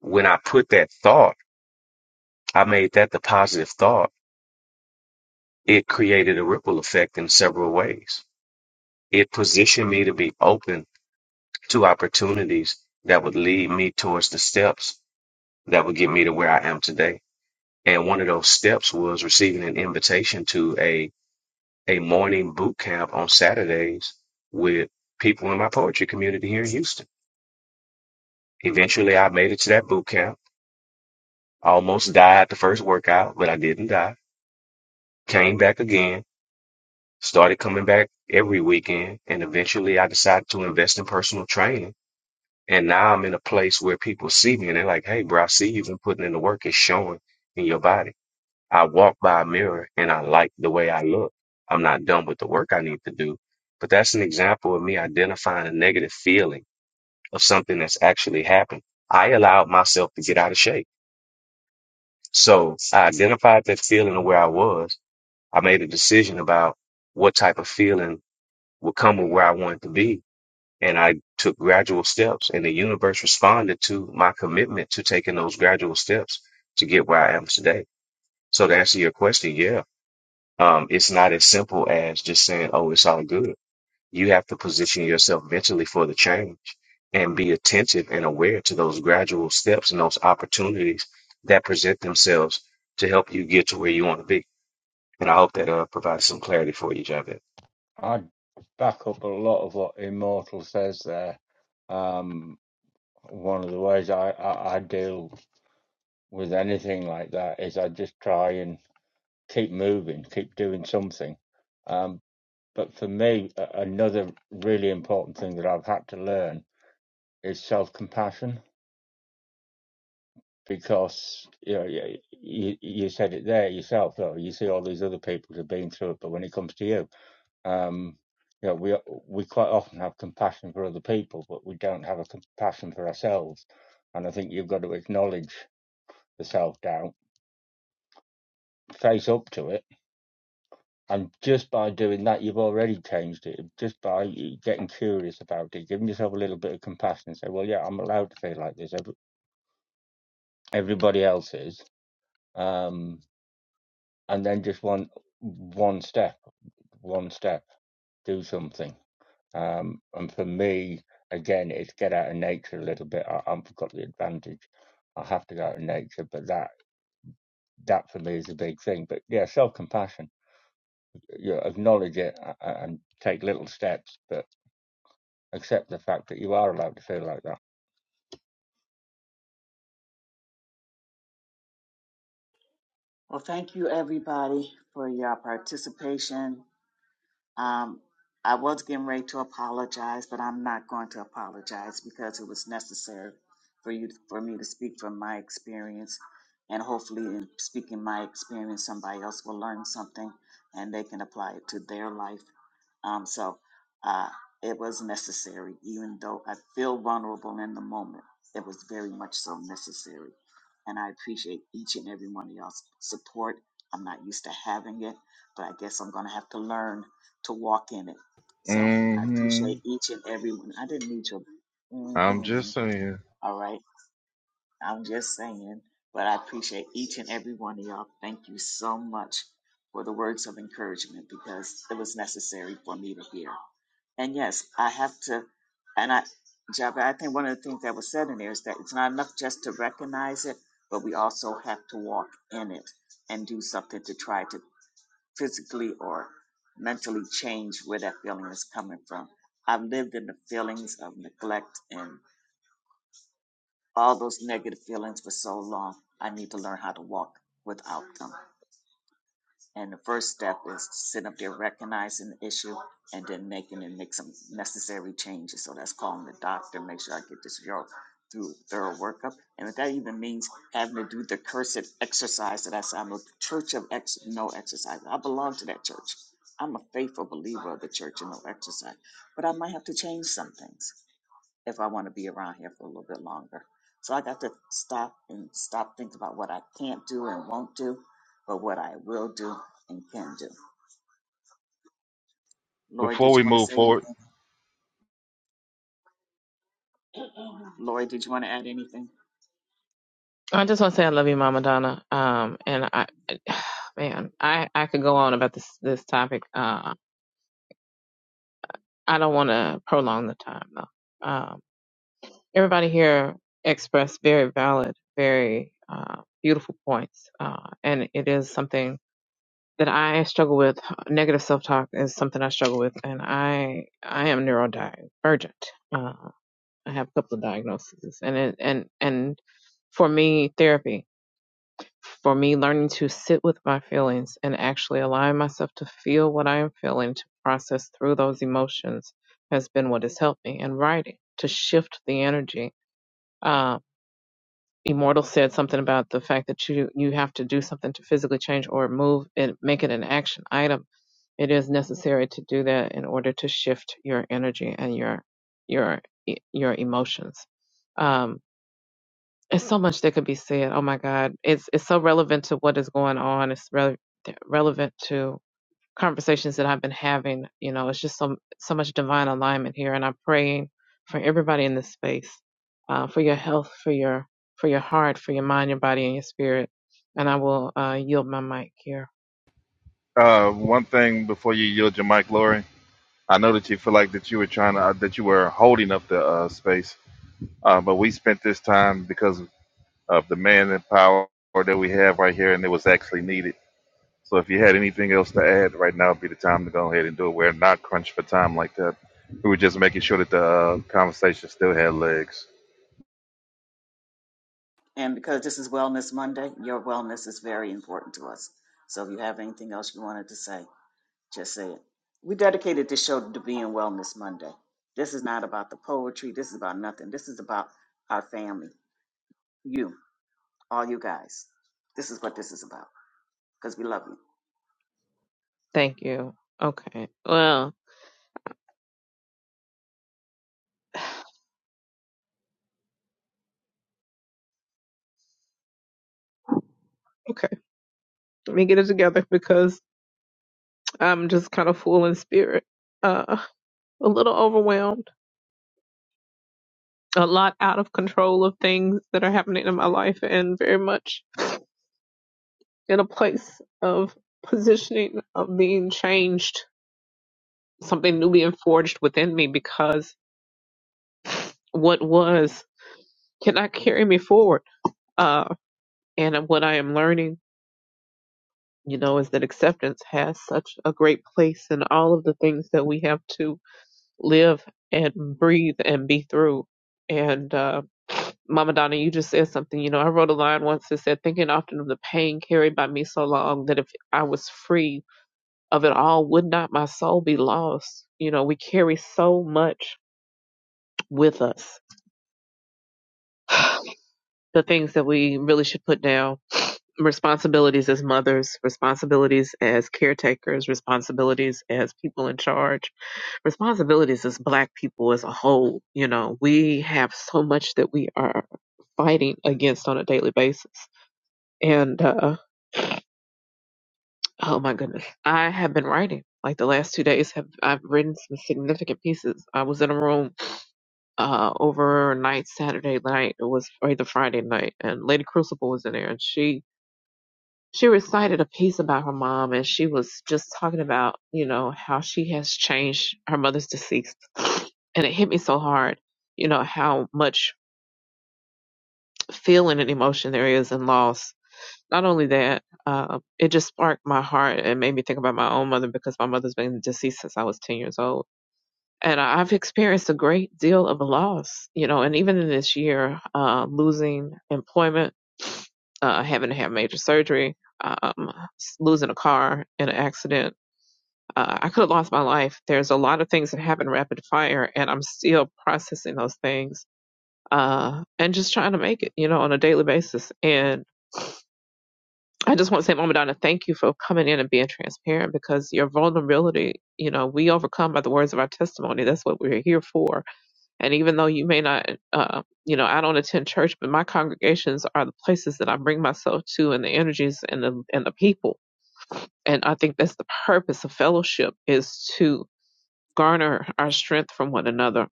S10: when I put that thought, I made that the positive thought, it created a ripple effect in several ways. It positioned me to be open to opportunities that would lead me towards the steps that would get me to where I am today. And one of those steps was receiving an invitation to a, a morning boot camp on Saturdays with people in my poetry community here in Houston. Eventually, I made it to that boot camp Almost died the first workout, but I didn't die. Came back again, started coming back every weekend, and eventually I decided to invest in personal training. And now I'm in a place where people see me and they're like, hey, bro, I see you've been putting in the work. It's showing in your body. I walk by a mirror and I like the way I look. I'm not done with the work I need to do. But that's an example of me identifying a negative feeling of something that's actually happened. I allowed myself to get out of shape. So I identified that feeling of where I was. I made a decision about what type of feeling would come with where I wanted to be. And I took gradual steps, and the universe responded to my commitment to taking those gradual steps to get where I am today. So to answer your question, yeah, um, it's not as simple as just saying, "Oh, it's all good." You have to position yourself mentally for the change and be attentive and aware to those gradual steps and those opportunities that present themselves to help you get to where you want to be. And I hope that uh, provides some clarity for you, Javed.
S8: I back up a lot of what Immortal says there. Um, one of the ways I, I, I deal with anything like that is I just try and keep moving, keep doing something. Um, but for me, a- another really important thing that I've had to learn is self compassion. because you know you, you you said it there yourself though you see all these other people who've been through it but when it comes to you um you know we we quite often have compassion for other people but we don't have a compassion for ourselves and i think you've got to acknowledge the self-doubt face up to it and just by doing that you've already changed it just by getting curious about it giving yourself a little bit of compassion and say well yeah i'm allowed to feel like this everybody else is Um, and then just one one step, one step, do something. Um, and for me, again, it's get out of nature a little bit. I, I've got the advantage. I have to go out of nature, but that that for me is a big thing. But yeah, self compassion. You acknowledge it a- a- and take little steps, but accept the fact that you are allowed to feel like that.
S2: Well, thank you, everybody, for your participation. Um, I was getting ready to apologize, but I'm not going to apologize because it was necessary for you for me to speak from my experience, and hopefully, in speaking my experience, somebody else will learn something and they can apply it to their life. Um, so uh, it was necessary, even though I feel vulnerable in the moment. It was very much so necessary, and I appreciate each and every one of y'all's support. I'm not used to having it, but I guess I'm going to have to learn to walk in it. So I
S3: Mm-hmm.
S2: appreciate each and every one. I didn't need your
S3: I'm just
S2: mhm,
S3: saying.
S2: all right. I'm just saying, but I appreciate each and every one of y'all. Thank you so much for the words of encouragement because it was necessary for me to hear. And yes, I have to, and I, Jabba, I think one of the things that was said in there is that it's not enough just to recognize it, but we also have to walk in it and do something to try to physically or mentally change where that feeling is coming from. I've lived in the feelings of neglect and all those negative feelings for so long. I need to learn how to walk without them. And the first step is to sit up there, recognizing the issue, and then making and make some necessary changes. So that's calling the doctor, make sure I get this girl through thorough workup. And if that even means having to do the cursed exercise that I say, I'm a church of ex- no exercise. I belong to that church. I'm a faithful believer of the church and no exercise. But I might have to change some things if I want to be around here for a little bit longer. So I got to stop and stop thinking about what I can't do and won't do, but what I will do and can do. Lori,
S3: Before
S2: did
S3: we
S2: you want to
S3: move
S2: say
S3: forward,
S2: anything? Lori, did you want to add anything?
S11: I just want to say I love you, Mama Donna. Um, and I, man, I, I could go on about this this topic. Uh, I don't want to prolong the time though. Um, everybody here expressed very valid, very uh, beautiful points, uh, and it is something that I struggle with. Negative self talk is something I struggle with, and I I am neurodivergent. Uh, I have a couple of diagnoses, and it, and and for me, therapy for me learning to sit with my feelings and actually allowing myself to feel what I am feeling to process through those emotions has been what has helped me And writing to shift the energy. Uh, Immortal said something about the fact that you you have to do something to physically change or move and make it an action item. It is necessary to do that in order to shift your energy and your your e, your emotions. Um, it's so much that could be said. Oh my God, it's it's so relevant to what is going on. It's re- relevant to conversations that I've been having. You know, it's just so so much divine alignment here, and I'm praying for everybody in this space, uh, for your health, for your for your heart, for your mind, your body, and your spirit. And I will uh, yield my mic here.
S3: uh, one thing before you yield your mic, Lori, I know that you feel like that you were trying to, uh, that you were holding up the uh, space, uh, but we spent this time because of the man in power that we have right here, and it was actually needed. So if you had anything else to add, right now would be the time to go ahead and do it. We're not crunched for time like that. We were just making sure that the uh, conversation still had legs.
S2: And because this is Wellness Monday, your wellness is very important to us. So if you have anything else you wanted to say, just say it. We dedicated this show to being Wellness Monday. This is not about the poetry. This is about nothing. This is about our family, you, all you guys. This is what this is about. because we love you.
S11: Thank you. Okay. Well, okay. Let me get it together because I'm just kind of full in spirit, uh, a little overwhelmed a lot out of control of things that are happening in my life and very much in a place of positioning of being changed something new being forged within me because what was cannot carry me forward uh and what i am learning you know is that acceptance has such a great place in all of the things that we have to live and breathe and be through. And uh, Mama Donna, you just said something. You know, I wrote a line once that said, thinking often of the pain carried by me so long that if I was free of it all, would not my soul be lost? You know, we carry so much with us. the things that we really should put down responsibilities as mothers, responsibilities as caretakers, responsibilities as people in charge responsibilities as black people as a whole you know we have so much that we are fighting against on a daily basis and uh, oh my goodness i have been writing like the last two days have i've written some significant pieces i was in a room uh overnight saturday night it was either friday night and lady crucible was in there and she she recited a piece about her mom and she was just talking about you know how she has changed her mother's deceased and it hit me so hard you know how much feeling and emotion there is in loss not only that uh, it just sparked my heart and made me think about my own mother because my mother's been deceased since i was 10 years old and I've experienced a great deal of loss, you know, and even in this year, uh, losing employment, uh, having to have major surgery, um, s- losing a car in an accident. Uh, I could have lost my life. There's a lot of things that happen rapid fire, and I'm still processing those things uh, and just trying to make it, you know, on a daily basis. And I just want to say, Mama Donna, thank you for coming in and being transparent because your vulnerability, you know, we overcome by the words of our testimony. That's what we're here for and even though you may not, uh, you know, I don't attend church, but my congregations are the places that I bring myself to, and the energies and the and the people. And I think that's the purpose of fellowship is to garner our strength from one another.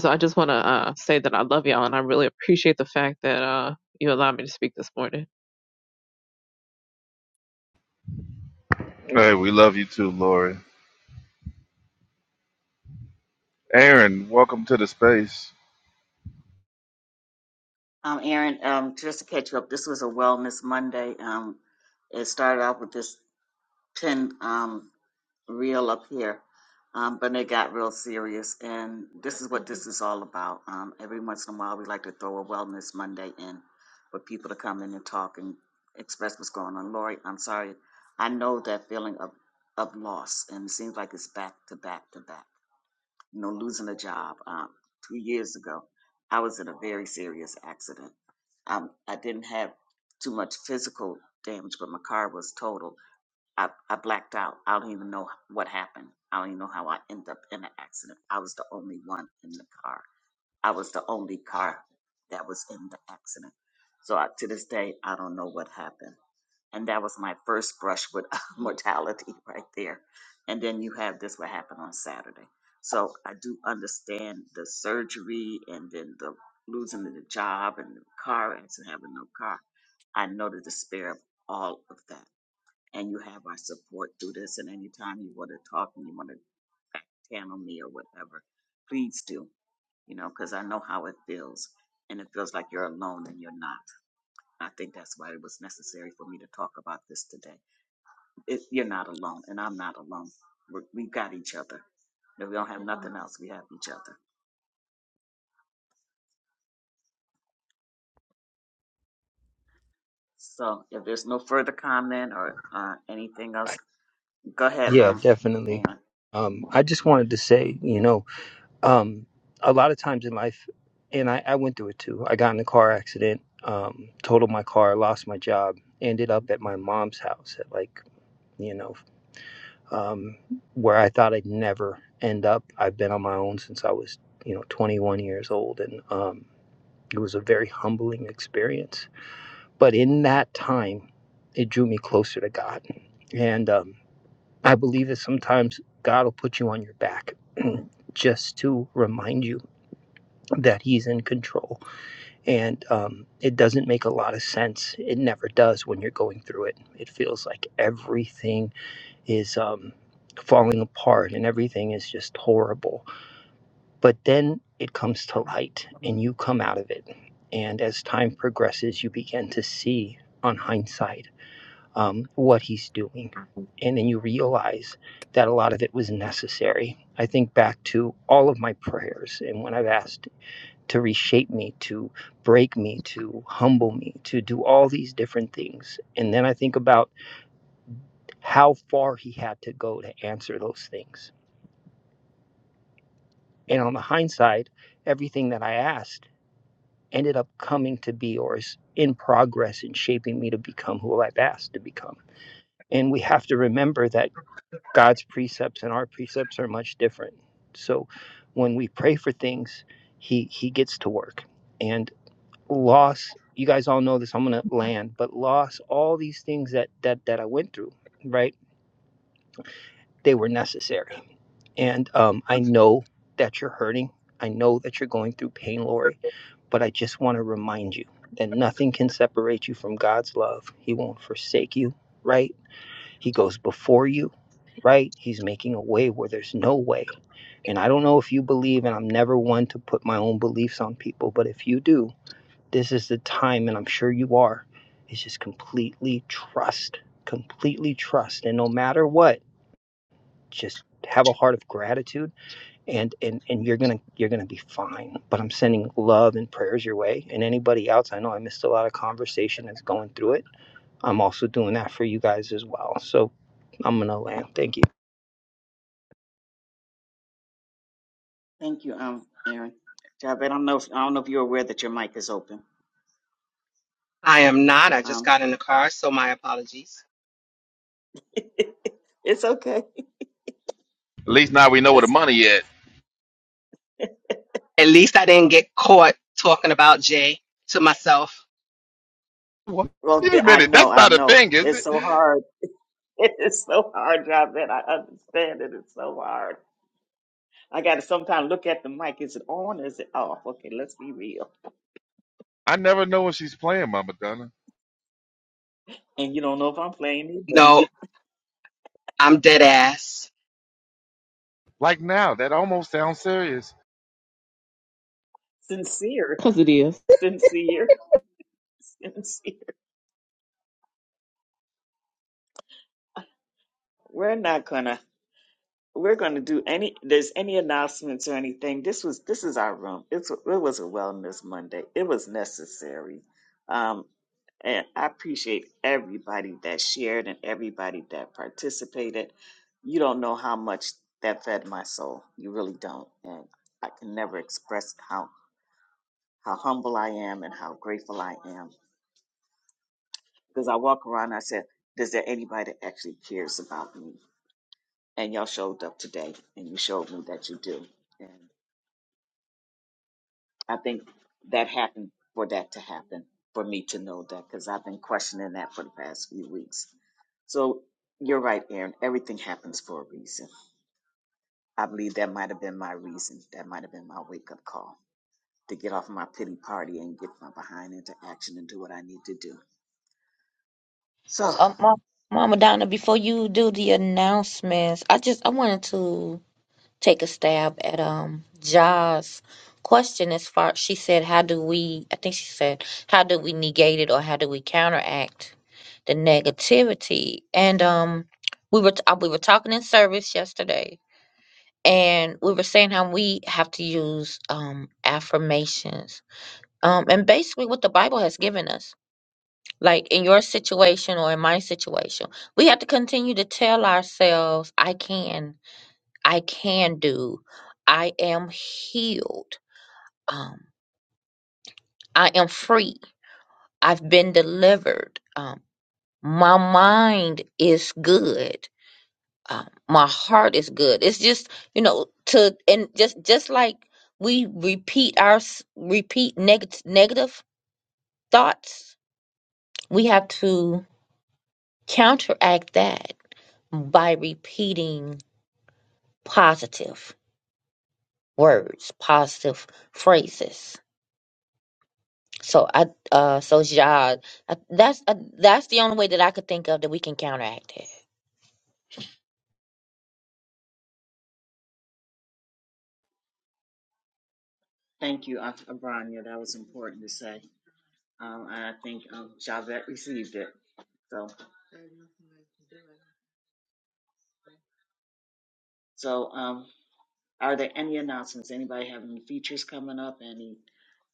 S11: So I just want to uh, say that I love y'all, and I really appreciate the fact that uh, you allowed me to speak this morning.
S3: Hey, we love you too, Lori. Aaron, welcome to the space.
S2: Um, Aaron, um, just to catch you up, this was a Wellness Monday. Um, it started off with this 10 um, reel up here, um, but it got real serious. And this is what this is all about. Um, every once in a while, we like to throw a Wellness Monday in for people to come in and talk and express what's going on. Lori, I'm sorry. I know that feeling of, of loss, and it seems like it's back to back to back. You know, losing a job um, two years ago, I was in a very serious accident. Um, I didn't have too much physical damage, but my car was total I, I blacked out. I don't even know what happened. I don't even know how I ended up in an accident. I was the only one in the car. I was the only car that was in the accident. So I, to this day, I don't know what happened. And that was my first brush with mortality right there. And then you have this what happened on Saturday. So I do understand the surgery and then the losing the job and the car accident, having no car. I know the despair of all of that and you have our support through this. And anytime you want to talk and you want to back channel me or whatever, please do, you know, because I know how it feels. And it feels like you're alone and you're not. I think that's why it was necessary for me to talk about this today. It, you're not alone, and I'm not alone. We're, we've got each other. If we don't have nothing else, we have each other. So if there's no further comment or uh, anything else, go ahead,
S12: Yeah,
S2: um,
S12: definitely.
S2: Aaron.
S12: Um, I just wanted to say, you know, um, a lot of times in life, and I, I went through it too. I got in a car accident, um, totaled my car, lost my job, ended up at my mom's house at like, you know, um, where I thought I'd never end up. I've been on my own since I was, you know, 21 years old, and um, it was a very humbling experience. But in that time, it drew me closer to God, and um, I believe that sometimes God will put you on your back just to remind you that He's in control. And um, it doesn't make a lot of sense. It never does when you're going through it. It feels like everything is um, falling apart and everything is just horrible. But then it comes to light and you come out of it. And as time progresses, you begin to see on hindsight um, what he's doing. And then you realize that a lot of it was necessary. I think back to all of my prayers and when I've asked to reshape me, to break me, to humble me, to do all these different things. And then I think about how far he had to go to answer those things. And on the hindsight, everything that I asked ended up coming to be or is in progress in shaping me to become who I've asked to become. And we have to remember that God's precepts and our precepts are much different. So when we pray for things, he he gets to work. And loss, you guys all know this, I'm gonna land, but loss, all these things that that that I went through, right? They were necessary. And um I know that you're hurting. I know that you're going through pain, Lori, but I just want to remind you that nothing can separate you from God's love. He won't forsake you, right? He goes before you, right? He's making a way where there's no way And I don't know if you believe, and I'm never one to put my own beliefs on people, but if you do, this is the time, and I'm sure you are. Is just completely trust, completely trust, and no matter what, just have a heart of gratitude, and and and you're gonna you're gonna be fine. But I'm sending love and prayers your way, and anybody else. I know I missed a lot of conversation that's going through it. I'm also doing that for you guys as well. So I'm gonna land. Thank you.
S2: Thank you, um, Aaron. Javed, I don't know if I don't know if you're aware that your mic is open.
S7: I am not. I just
S2: Um,
S7: got in the car, so my apologies.
S2: it's okay.
S3: At least now we know where the
S2: That's
S3: money at.
S7: At least I didn't get caught talking about Jay to myself.
S3: What?
S2: well.
S3: Wait a
S2: th- I
S3: minute,
S2: know.
S3: that's
S2: I
S3: not a
S2: know.
S3: thing, is
S2: It's
S3: it?
S2: so hard. It's so hard, job that I understand it. It's so hard. I got to sometimes look at the mic. Is it on? Is it off? Okay, let's be real.
S3: I never know when she's playing, Mama Donna.
S2: And you don't know if I'm playing either.
S7: No, I'm dead ass.
S3: Like now, that almost sounds serious.
S2: Sincere,
S11: Because it is
S2: sincere, sincere. We're not gonna we're going to do any there's any announcements or anything this was this is our room it's it was a wellness monday it was necessary um and i appreciate everybody that shared and everybody that participated you don't know how much that fed my soul you really don't and i can never express how how humble i am and how grateful i am because i walk around and i said does there anybody that actually cares about me and y'all showed up today and you showed me that you do I think that happened for that to happen for me to know that because I've been questioning that for the past few weeks. So you're right, Aaron. Everything happens for a reason. I believe that might have been my reason. That might have been my wake up call to get off my pity party and get my behind into action and do what I need to do. So
S6: Um, Ma- Mama Donna, before you do the announcements, I just I wanted to take a stab at um Ja's question as far she said how do we I think she said how do we negate it or how do we counteract the negativity and um we were t- uh, we were talking in service yesterday and we were saying how we have to use um, affirmations um, and basically what the bible has given us like in your situation or in my situation we have to continue to tell ourselves i can i can do i am healed um, i am free i've been delivered um, my mind is good um, my heart is good. It's just you know to and just just like we repeat our s- repeat negative negative thoughts, we have to counteract that by repeating positive words, positive phrases. So I uh so yeah, I, that's uh, that's the only way that I could think of that we can counteract it.
S2: thank you, Aunt Abranya. That was important to say. Um, and I think um, Javette received it. So so, um, Are there any announcements? Anybody have any features coming up? Any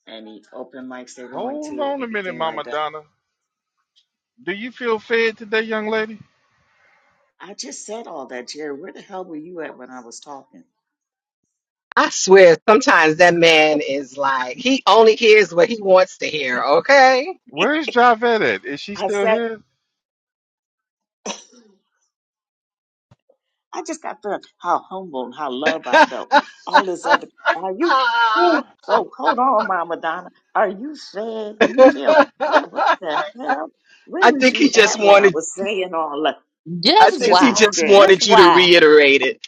S2: any open mics they're going
S3: Hold
S2: to?
S3: on a minute,
S2: Anything like
S3: Mama
S2: that?
S3: Donna. Do you feel fed today, young lady?
S2: I just said all that, Jerry. Where the hell were you at when I was talking?
S7: I swear, sometimes that man is like, he only hears what he wants to hear, okay?
S3: Where is Javette at? Is she
S2: I
S3: still
S2: said
S3: here?
S2: I just got done how humble and how loved I felt and all this other. Are you?
S7: I
S2: Oh, hold on, Mama Donna. Are you fed? Do you feel what? What the hell? Where was
S7: think he
S2: you
S7: just
S2: at when I
S7: wanted
S2: was saying all that? I
S7: I
S6: Just
S2: was
S7: think
S2: just
S7: he
S6: why?
S7: just
S2: wondering.
S6: Just
S7: wanted you to
S6: why?
S7: reiterate it.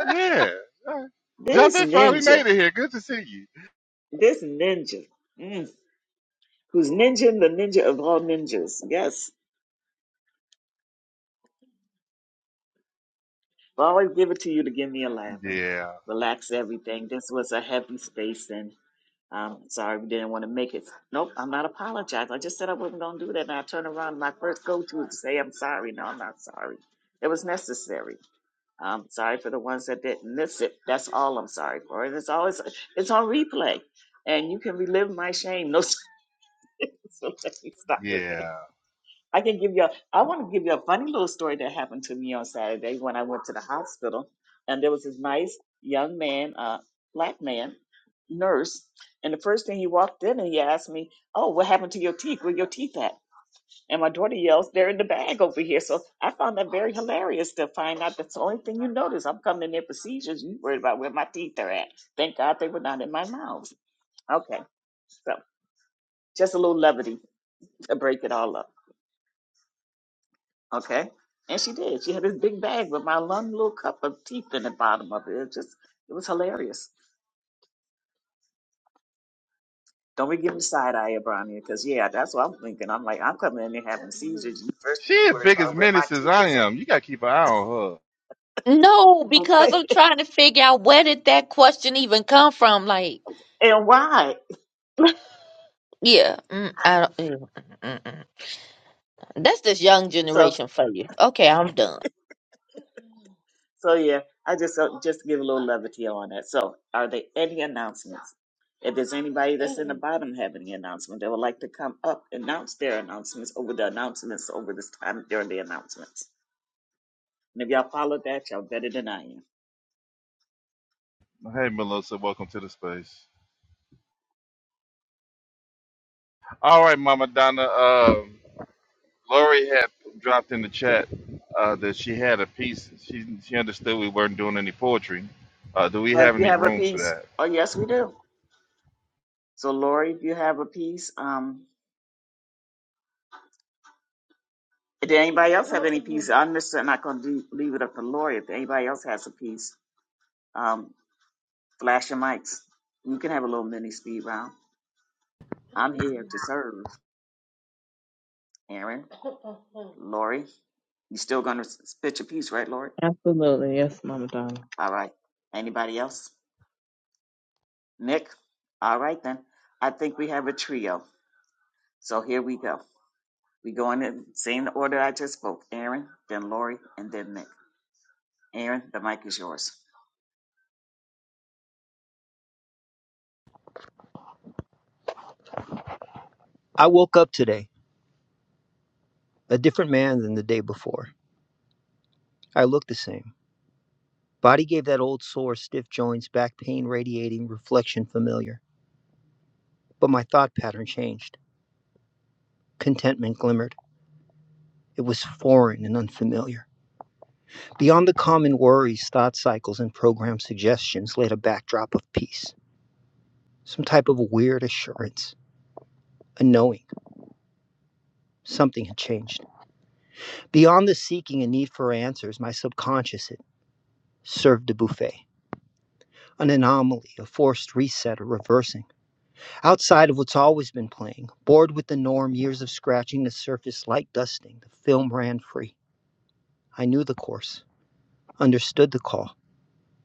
S3: Yeah. Uh,
S2: This
S3: Javette finally
S2: ninja,
S3: made it here. Good to see you.
S2: this ninja. mm, who's ninja the ninja of all ninjas. Yes, I always give it to you to give me a laugh and
S3: Yeah,
S2: relax everything. This was a heavy space, and I'm sorry we didn't want to make it. Nope, I'm not apologizing. I just said I wasn't going to do that, and I turned around. My first go to is to say I'm sorry. No, I'm not sorry. It was necessary. I'm sorry for the ones that didn't miss it. That's all I'm sorry for. And it's always it's on replay, and you can relive my shame. No, so let me stop with that.
S3: yeah.
S2: I can give you. A, I want to give you a funny little story that happened to me on Saturday when I went to the hospital, and there was this nice young man, uh, black man, nurse, and the first thing he walked in and he asked me, "Oh, what happened to your teeth? Where your teeth at?" And my daughter yells, "They're in the bag over here." So I found that very hilarious to find out that's the only thing you notice. I'm coming in there procedures, you worried about where my teeth are at. Thank God they were not in my mouth. Okay, so just a little levity to break it all up. Okay. And she did. She had this big bag with my one little cup of teeth in the bottom of it. It just, it was hilarious. Don't be giving me side eye, Abrania, because yeah, that's what I'm thinking. I'm like, I'm coming in here having seizures. You first thing
S3: She
S2: you
S3: as
S2: worried
S3: big as
S2: about where my
S3: menace as
S2: teeth
S3: I
S2: is
S3: am.
S2: at,
S3: You gotta keep an eye on
S6: No, because
S2: okay?
S6: I'm trying to figure out where did that question even come from. Like,
S2: And why?
S6: yeah, mm, I don't. yeah, mm, mm, mm. mm. That's this young
S2: So,
S6: generation for you. Okay, I'm done.
S2: so yeah, I just uh, just give a little levity on that. So, are there any announcements? If there's anybody that's in the bottom have any announcement, they would like to come up announce their announcements over the announcements over this time during the announcements. And if y'all followed that, y'all better than I am.
S3: her. Hey Melissa, welcome to the space. All right, Mama Donna. Um, Lori had dropped in the chat uh, that she had a piece. She she understood we weren't doing any poetry. Uh, do we
S2: But
S3: have
S2: if you
S3: any
S2: have a
S3: room for
S2: piece,
S3: that?
S2: oh yes, we do. So Lori, if you have a piece, um, did anybody else have any piece, I'm just not going to leave it up to Lori. If anybody else has a piece, um, flash your mics. You can have a little mini speed round. I'm here to serve, Aaron. Lori, you still going to spit your piece, right, Lori?
S11: absolutely yes, Mama Donna.
S2: All right. Anybody else? Nick? All right then. I think we have a trio. So here we go. We go in the same order I just spoke. Aaron, then Lori, and then Nick. Aaron, the mic is yours.
S12: I woke up today a different man than the day before. I look the same. Body gave that old sore, stiff joints, back pain radiating, reflection familiar. But my thought pattern changed. Contentment glimmered. It was foreign and unfamiliar. Beyond the common worries, thought cycles, and program suggestions laid a backdrop of peace. Some type of weird assurance, a knowing. Something had changed. Beyond the seeking and need for answers, my subconscious had served a buffet, an anomaly, a forced reset, a reversing. Outside of what's always been playing, bored with the norm, years of scratching the surface, light dusting, the film ran free. I knew the course, understood the call.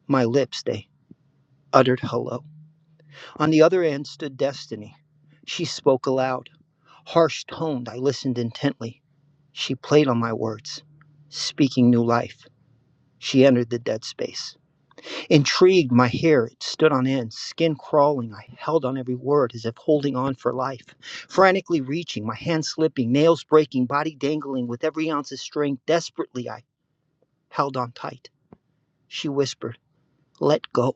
S12: My lips, they uttered hello. On the other end stood Destiny. She spoke aloud, harsh toned. I listened intently. She played on my words, speaking new life. She entered the dead space. Intrigued, my hair it stood on end, skin crawling. I held on every word as if holding on for life. Frantically reaching, my hands slipping, nails breaking, body dangling with every ounce of strength. Desperately, I held on tight. She whispered, Let go.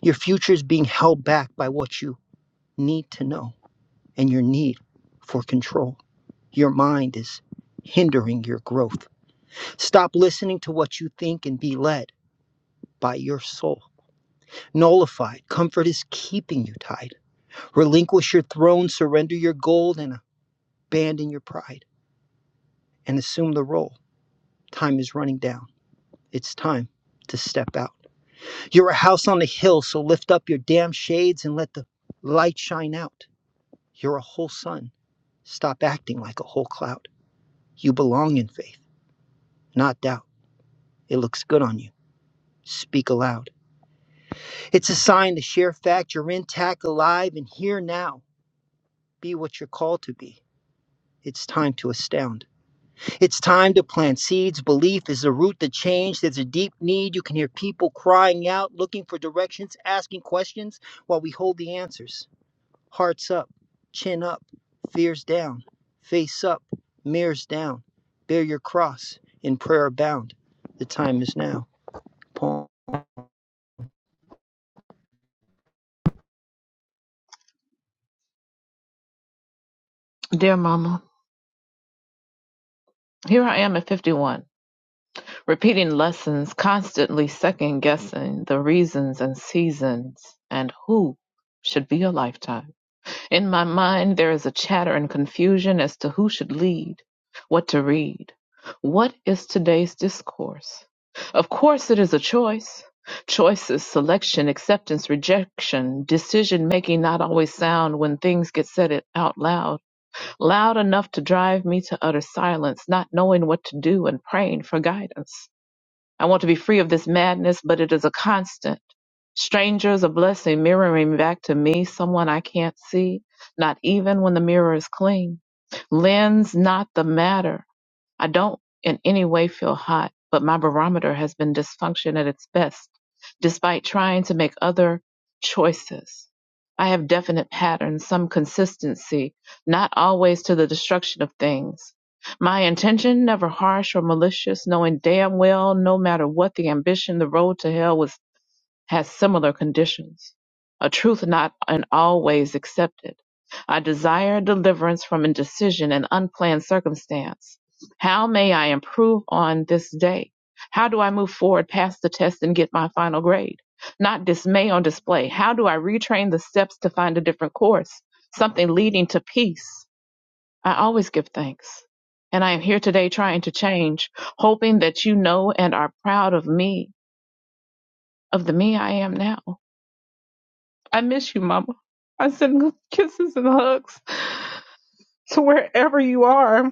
S12: Your future is being held back by what you need to know and your need for control. Your mind is hindering your growth. Stop listening to what you think and be led by your soul. Nullified, comfort is keeping you tied. Relinquish your throne, surrender your gold, and abandon your pride and assume the role. Time is running down. It's time to step out. You're a house on a hill, so lift up your damn shades and let the light shine out. You're a whole sun. Stop acting like a whole cloud. You belong in faith, not doubt. It looks good on you. Speak aloud. It's a sign to share fact. You're intact, alive, and here now. Be what you're called to be. It's time to astound. It's time to plant seeds. Belief is the root to change. There's a deep need. You can hear people crying out, looking for directions, asking questions while we hold the answers. Hearts up, chin up, fears down, face up, mirrors down. Bear your cross, in prayer abound. The time is now. Paul.
S11: Dear Mama, here I am at fifty-one. Repeating lessons, constantly second guessing the reasons and seasons and who should be a lifetime. In my mind, there is a chatter and confusion as to who should lead, what to read. What is today's discourse? Of course, it is a choice. Choices, selection, acceptance, rejection, decision making not always sound when things get said it out loud, loud enough to drive me to utter silence, not knowing what to do and praying for guidance. I want to be free of this madness, but it is a constant. Strangers, a blessing, mirroring back to me, someone I can't see, not even when the mirror is clean. Lens not the matter. I don't in any way feel hot, but my barometer has been dysfunction at its best, despite trying to make other choices. I have definite patterns, some consistency, not always to the destruction of things. My intention, never harsh or malicious, knowing damn well no matter what the ambition, the road to hell was has similar conditions, a truth not in all ways accepted. I desire deliverance from indecision and unplanned circumstance. How may I improve on this day? How do I move forward past the test and get my final grade? Not dismay on display. How do I retrain the steps to find a different course? Something leading to peace. I always give thanks. And I am here today trying to change, hoping that you know and are proud of me, of the me I am now. I miss you, Mama. I send kisses and hugs to wherever you are.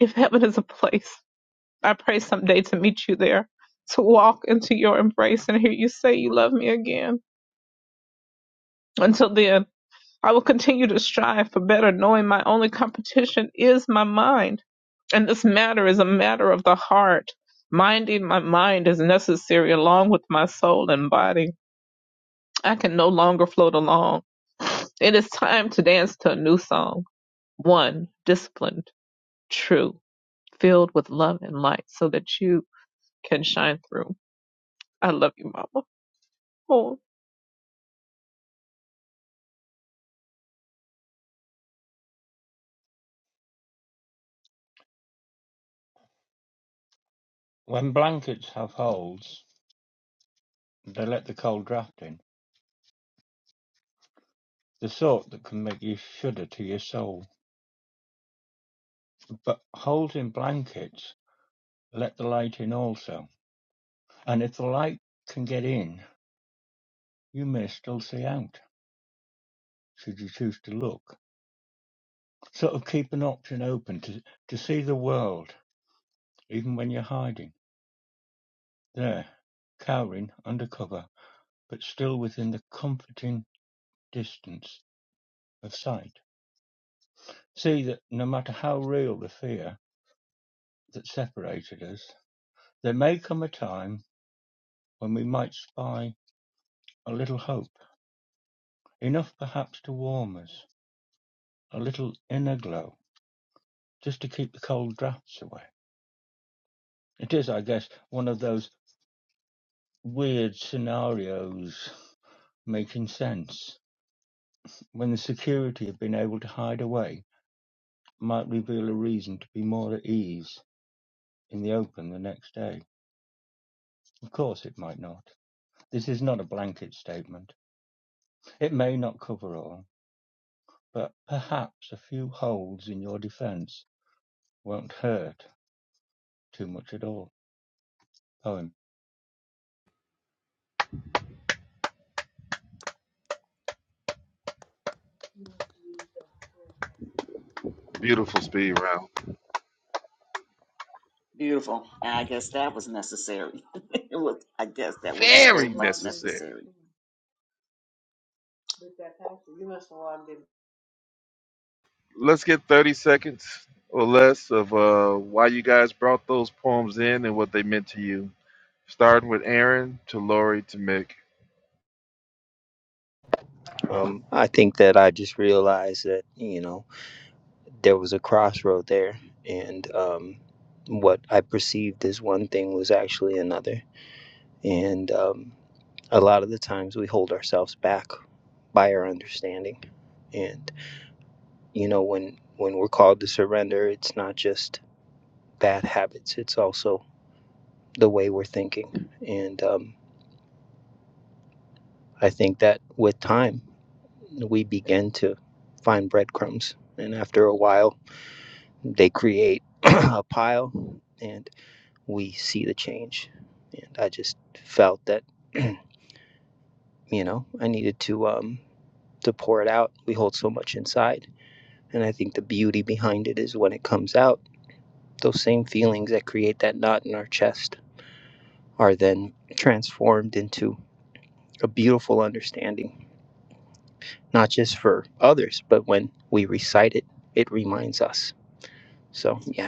S11: If heaven is a place, I pray someday to meet you there, to walk into your embrace and hear you say you love me again. Until then, I will continue to strive for better, knowing my only competition is my mind. And this matter is a matter of the heart. Minding my mind is necessary along with my soul and body. I can no longer float along. It is time to dance to a new song one disciplined true filled with love and light so that you can shine through i love you mama oh
S8: When blankets have holes, they let the cold draft in, the sort that can make you shudder to your soul. But holes in blankets let the light in also, and if the light can get in, you may still see out, should you choose to look. Sort of keep an option open to, to see the world, even when you're hiding. There, cowering under cover, but still within the comforting distance of sight. See that no matter how real the fear that separated us, there may come a time when we might spy a little hope, enough perhaps to warm us, a little inner glow, just to keep the cold draughts away. It is, I guess, one of those weird scenarios making sense. when the security have been able to hide away, might reveal a reason to be more at ease in the open the next day. Of course, it might not. This is not a blanket statement. It may not cover all, but perhaps a few holes in your defense won't hurt too much at all. Poem.
S3: Beautiful speed round.
S2: Beautiful. And I guess that was necessary. it was, I guess that was It's very so
S3: Very
S2: much hard to get
S3: necessary.
S2: necessary. with that pastor. You must have logged
S3: Let's get 30 seconds or less of uh, why you guys brought those poems in and what they meant to you. Starting with Aaron to Lori to Mick.
S12: Um, I think that I just realized that, you know, there was a crossroad there, and um, what I perceived as one thing was actually another. And, um, a lot of the times we hold ourselves back by our understanding and you know when when we're called to surrender it's not just bad habits it's also the way we're thinking and um, i think that with time we begin to find breadcrumbs and after a while they create a pile and we see the change and i just felt that you know i needed to um to pour it out we hold so much inside And I think the beauty behind it is when it comes out, those same feelings that create that knot in our chest are then transformed into a beautiful understanding, not just for others, but when we recite it, it reminds us. So, yeah,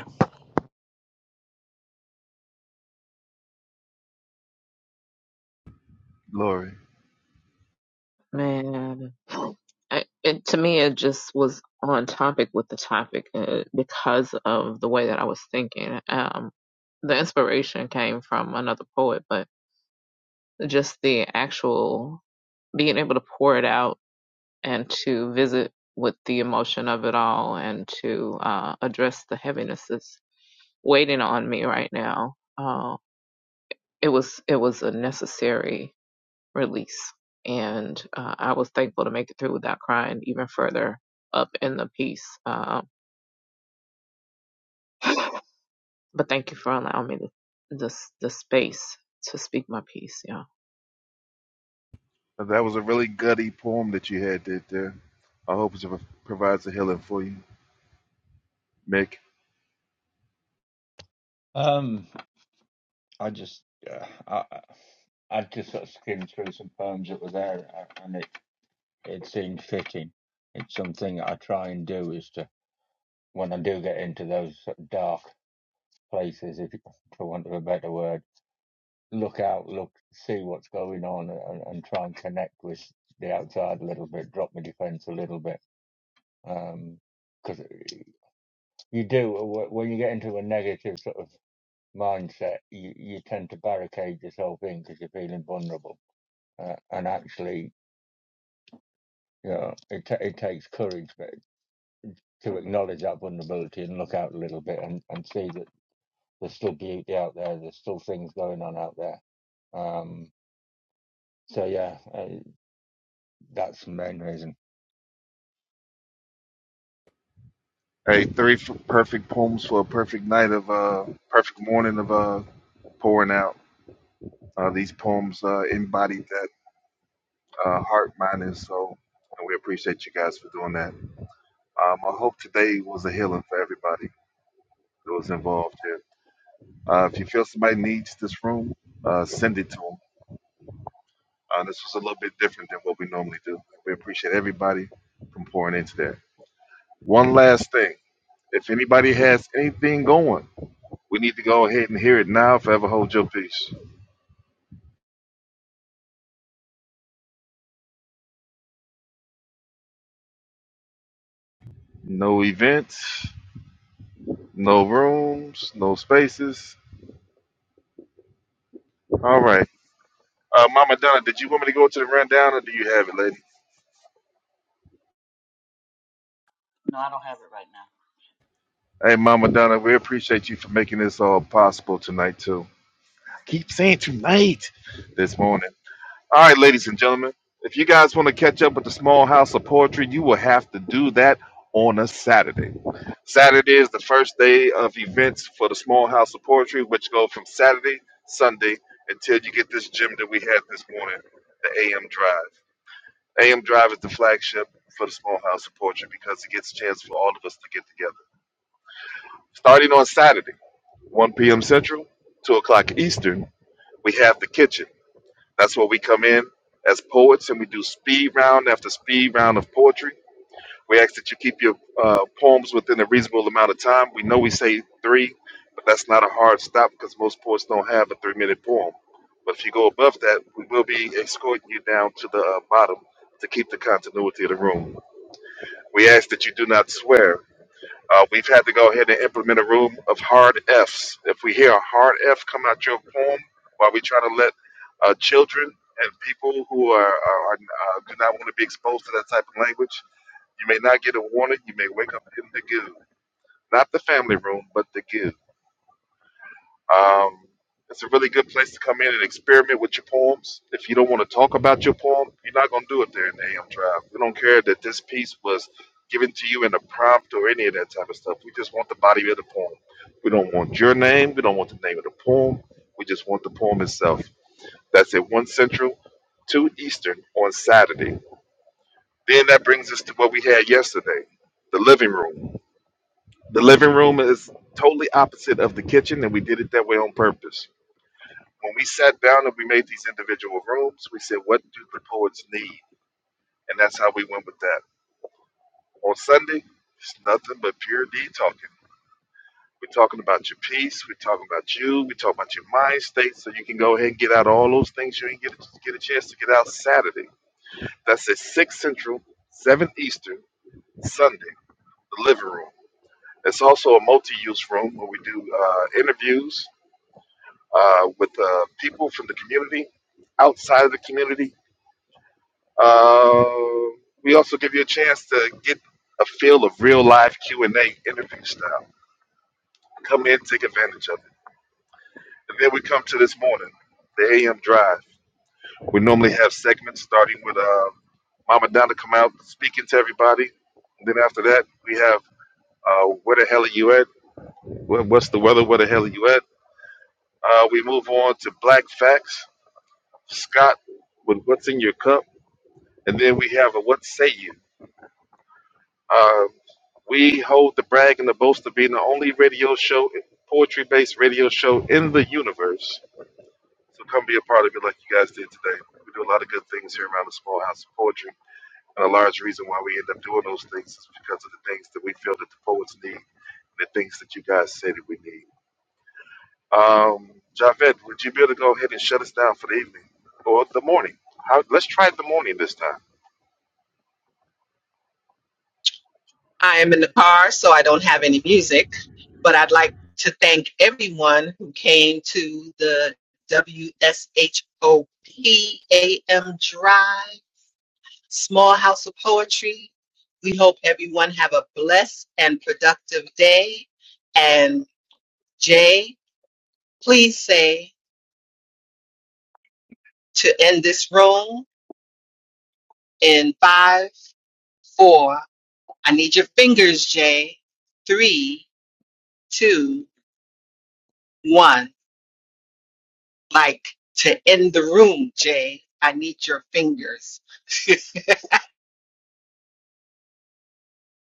S3: Lori,
S11: Man, I- it, to me, it just was on topic with the topic uh, because of the way that I was thinking. Um, the inspiration came from another poet, but just the actual being able to pour it out and to visit with the emotion of it all and to uh, address the heavinesses waiting on me right now. Uh, it was it was a necessary release, and uh, I was thankful to make it through without crying even further up in the piece. Um, but thank you for allowing me the, the the space to speak my piece. Yeah.
S3: that was a really gutty poem that you had did there. I hope it provides a healing for you, Mick.
S8: Um, I just, uh, I, I just sort of skimmed through some poems that were there, and it it seemed fitting. It's something I try and do is to when I do get into those sort of dark places, if for want of a better word, look out, look, see what's going on, and, and try and connect with the outside a little bit, drop my defence a little bit, Um, because you do when you get into a negative sort of mindset, you, you tend to barricade yourself in because you're feeling vulnerable, uh, and actually. You know, it, ta it takes courage but to acknowledge that vulnerability and look out a little bit and, and see that there's still beauty out there, there's still things going on out there. Um, So yeah, uh, that's the main reason.
S3: Hey, three f- perfect poems for a perfect night of uh, perfect morning of uh, pouring out. Uh, these poems uh, embodied that uh, heart, mind, and soul, and we appreciate you guys for doing that. Um, I hope today was a healing for everybody. those involved here. Uh, if you feel somebody needs this room, uh, send it to them. Uh, this was a little bit different than what we normally do. We appreciate everybody from pouring into that. One last thing. If anybody has anything going, we need to go ahead and hear it now. Forever hold your peace. No events, no rooms, no spaces. All right. Uh, Mama Donna, did you want me to go to the rundown or do you have it, lady?
S2: No, I don't have it right now.
S3: Hey, Mama Donna, we appreciate you for making this all possible tonight, too. Keep saying tonight this morning. All right, ladies and gentlemen, if you guys want to catch up with the Small House of Poetry, you will have to do that on a Saturday. Saturday is the first day of events for the Small House of Poetry, which go from Saturday, Sunday, until you get this gym that we had this morning, the AM Drive. AM Drive is the flagship for the Small House of Poetry because it gets a chance for all of us to get together. Starting on Saturday, 1 p.m. Central, 2 o'clock Eastern, we have the kitchen. That's where we come in as poets and we do speed round after speed round of poetry. We ask that you keep your uh, poems within a reasonable amount of time. We know we say three, but that's not a hard stop because most poets don't have a three minute poem. But if you go above that, we will be escorting you down to the uh, bottom to keep the continuity of the room. We ask that you do not swear uh, we've had to go ahead and implement a rule of hard Fs. If we hear a hard F come out your form while we try to let uh, children and people who are, are, are uh, do not want to be exposed to that type of language, you may not get a warning. You may wake up in the goo. Not the family room, but the goo. Um, it's a really good place to come in and experiment with your poems. If you don't want to talk about your poem, you're not going to do it there in the AM Drive. We don't care that this piece was given to you in a prompt or any of that type of stuff. We just want the body of the poem. We don't want your name. We don't want the name of the poem. We just want the poem itself. That's at 1 Central, 2 Eastern on Saturday. Then that brings us to what we had yesterday the living room. The living room is totally opposite of the kitchen, and we did it that way on purpose when we sat down and we made these individual rooms, we said, what do the poets need? And that's how we went with that. On Sunday, it's nothing but pure D talking. We're talking about your peace. We're talking about you. We're talking about your mind state so you can go ahead and get out all those things you didn't get a, get a chance to get out Saturday. That's at 6 Central, 7 Eastern, Sunday, the living room. It's also a multi use room where we do uh, interviews uh, with uh, people from the community, outside of the community, Uh, we also give you a chance to get a feel of real live Q and A interview style. Come in, take advantage of it. And then we come to this morning, the AM drive. We normally have segments starting with uh, Mama Donna come out speaking to everybody. And then after that, we have uh, where the hell are you at? Where, what's the weather? Where the hell are you at? Uh, we move on to Black Facts. Scott with what's in your cup, and then we have a what say you. Uh, we hold the brag and the boast of being the only radio show, poetry based radio show in the universe. So come be a part of it like you guys did today. We do a lot of good things here around the small house of poetry. And a large reason why we end up doing those things is because of the things that we feel that the poets need, the things that you guys say that we need. Um, Javed, would you be able to go ahead and shut us down for the evening or the morning? How, let's try the morning this time.
S7: I am in the car, so I don't have any music, but I'd like to thank everyone who came to the WSHOPAM Drive. Small House of Poetry. We hope everyone have a blessed and productive day. And Jay, please say to end this room in five, four. I need your fingers, Jay. Three, two, one. Like to end the room, Jay. I need your fingers.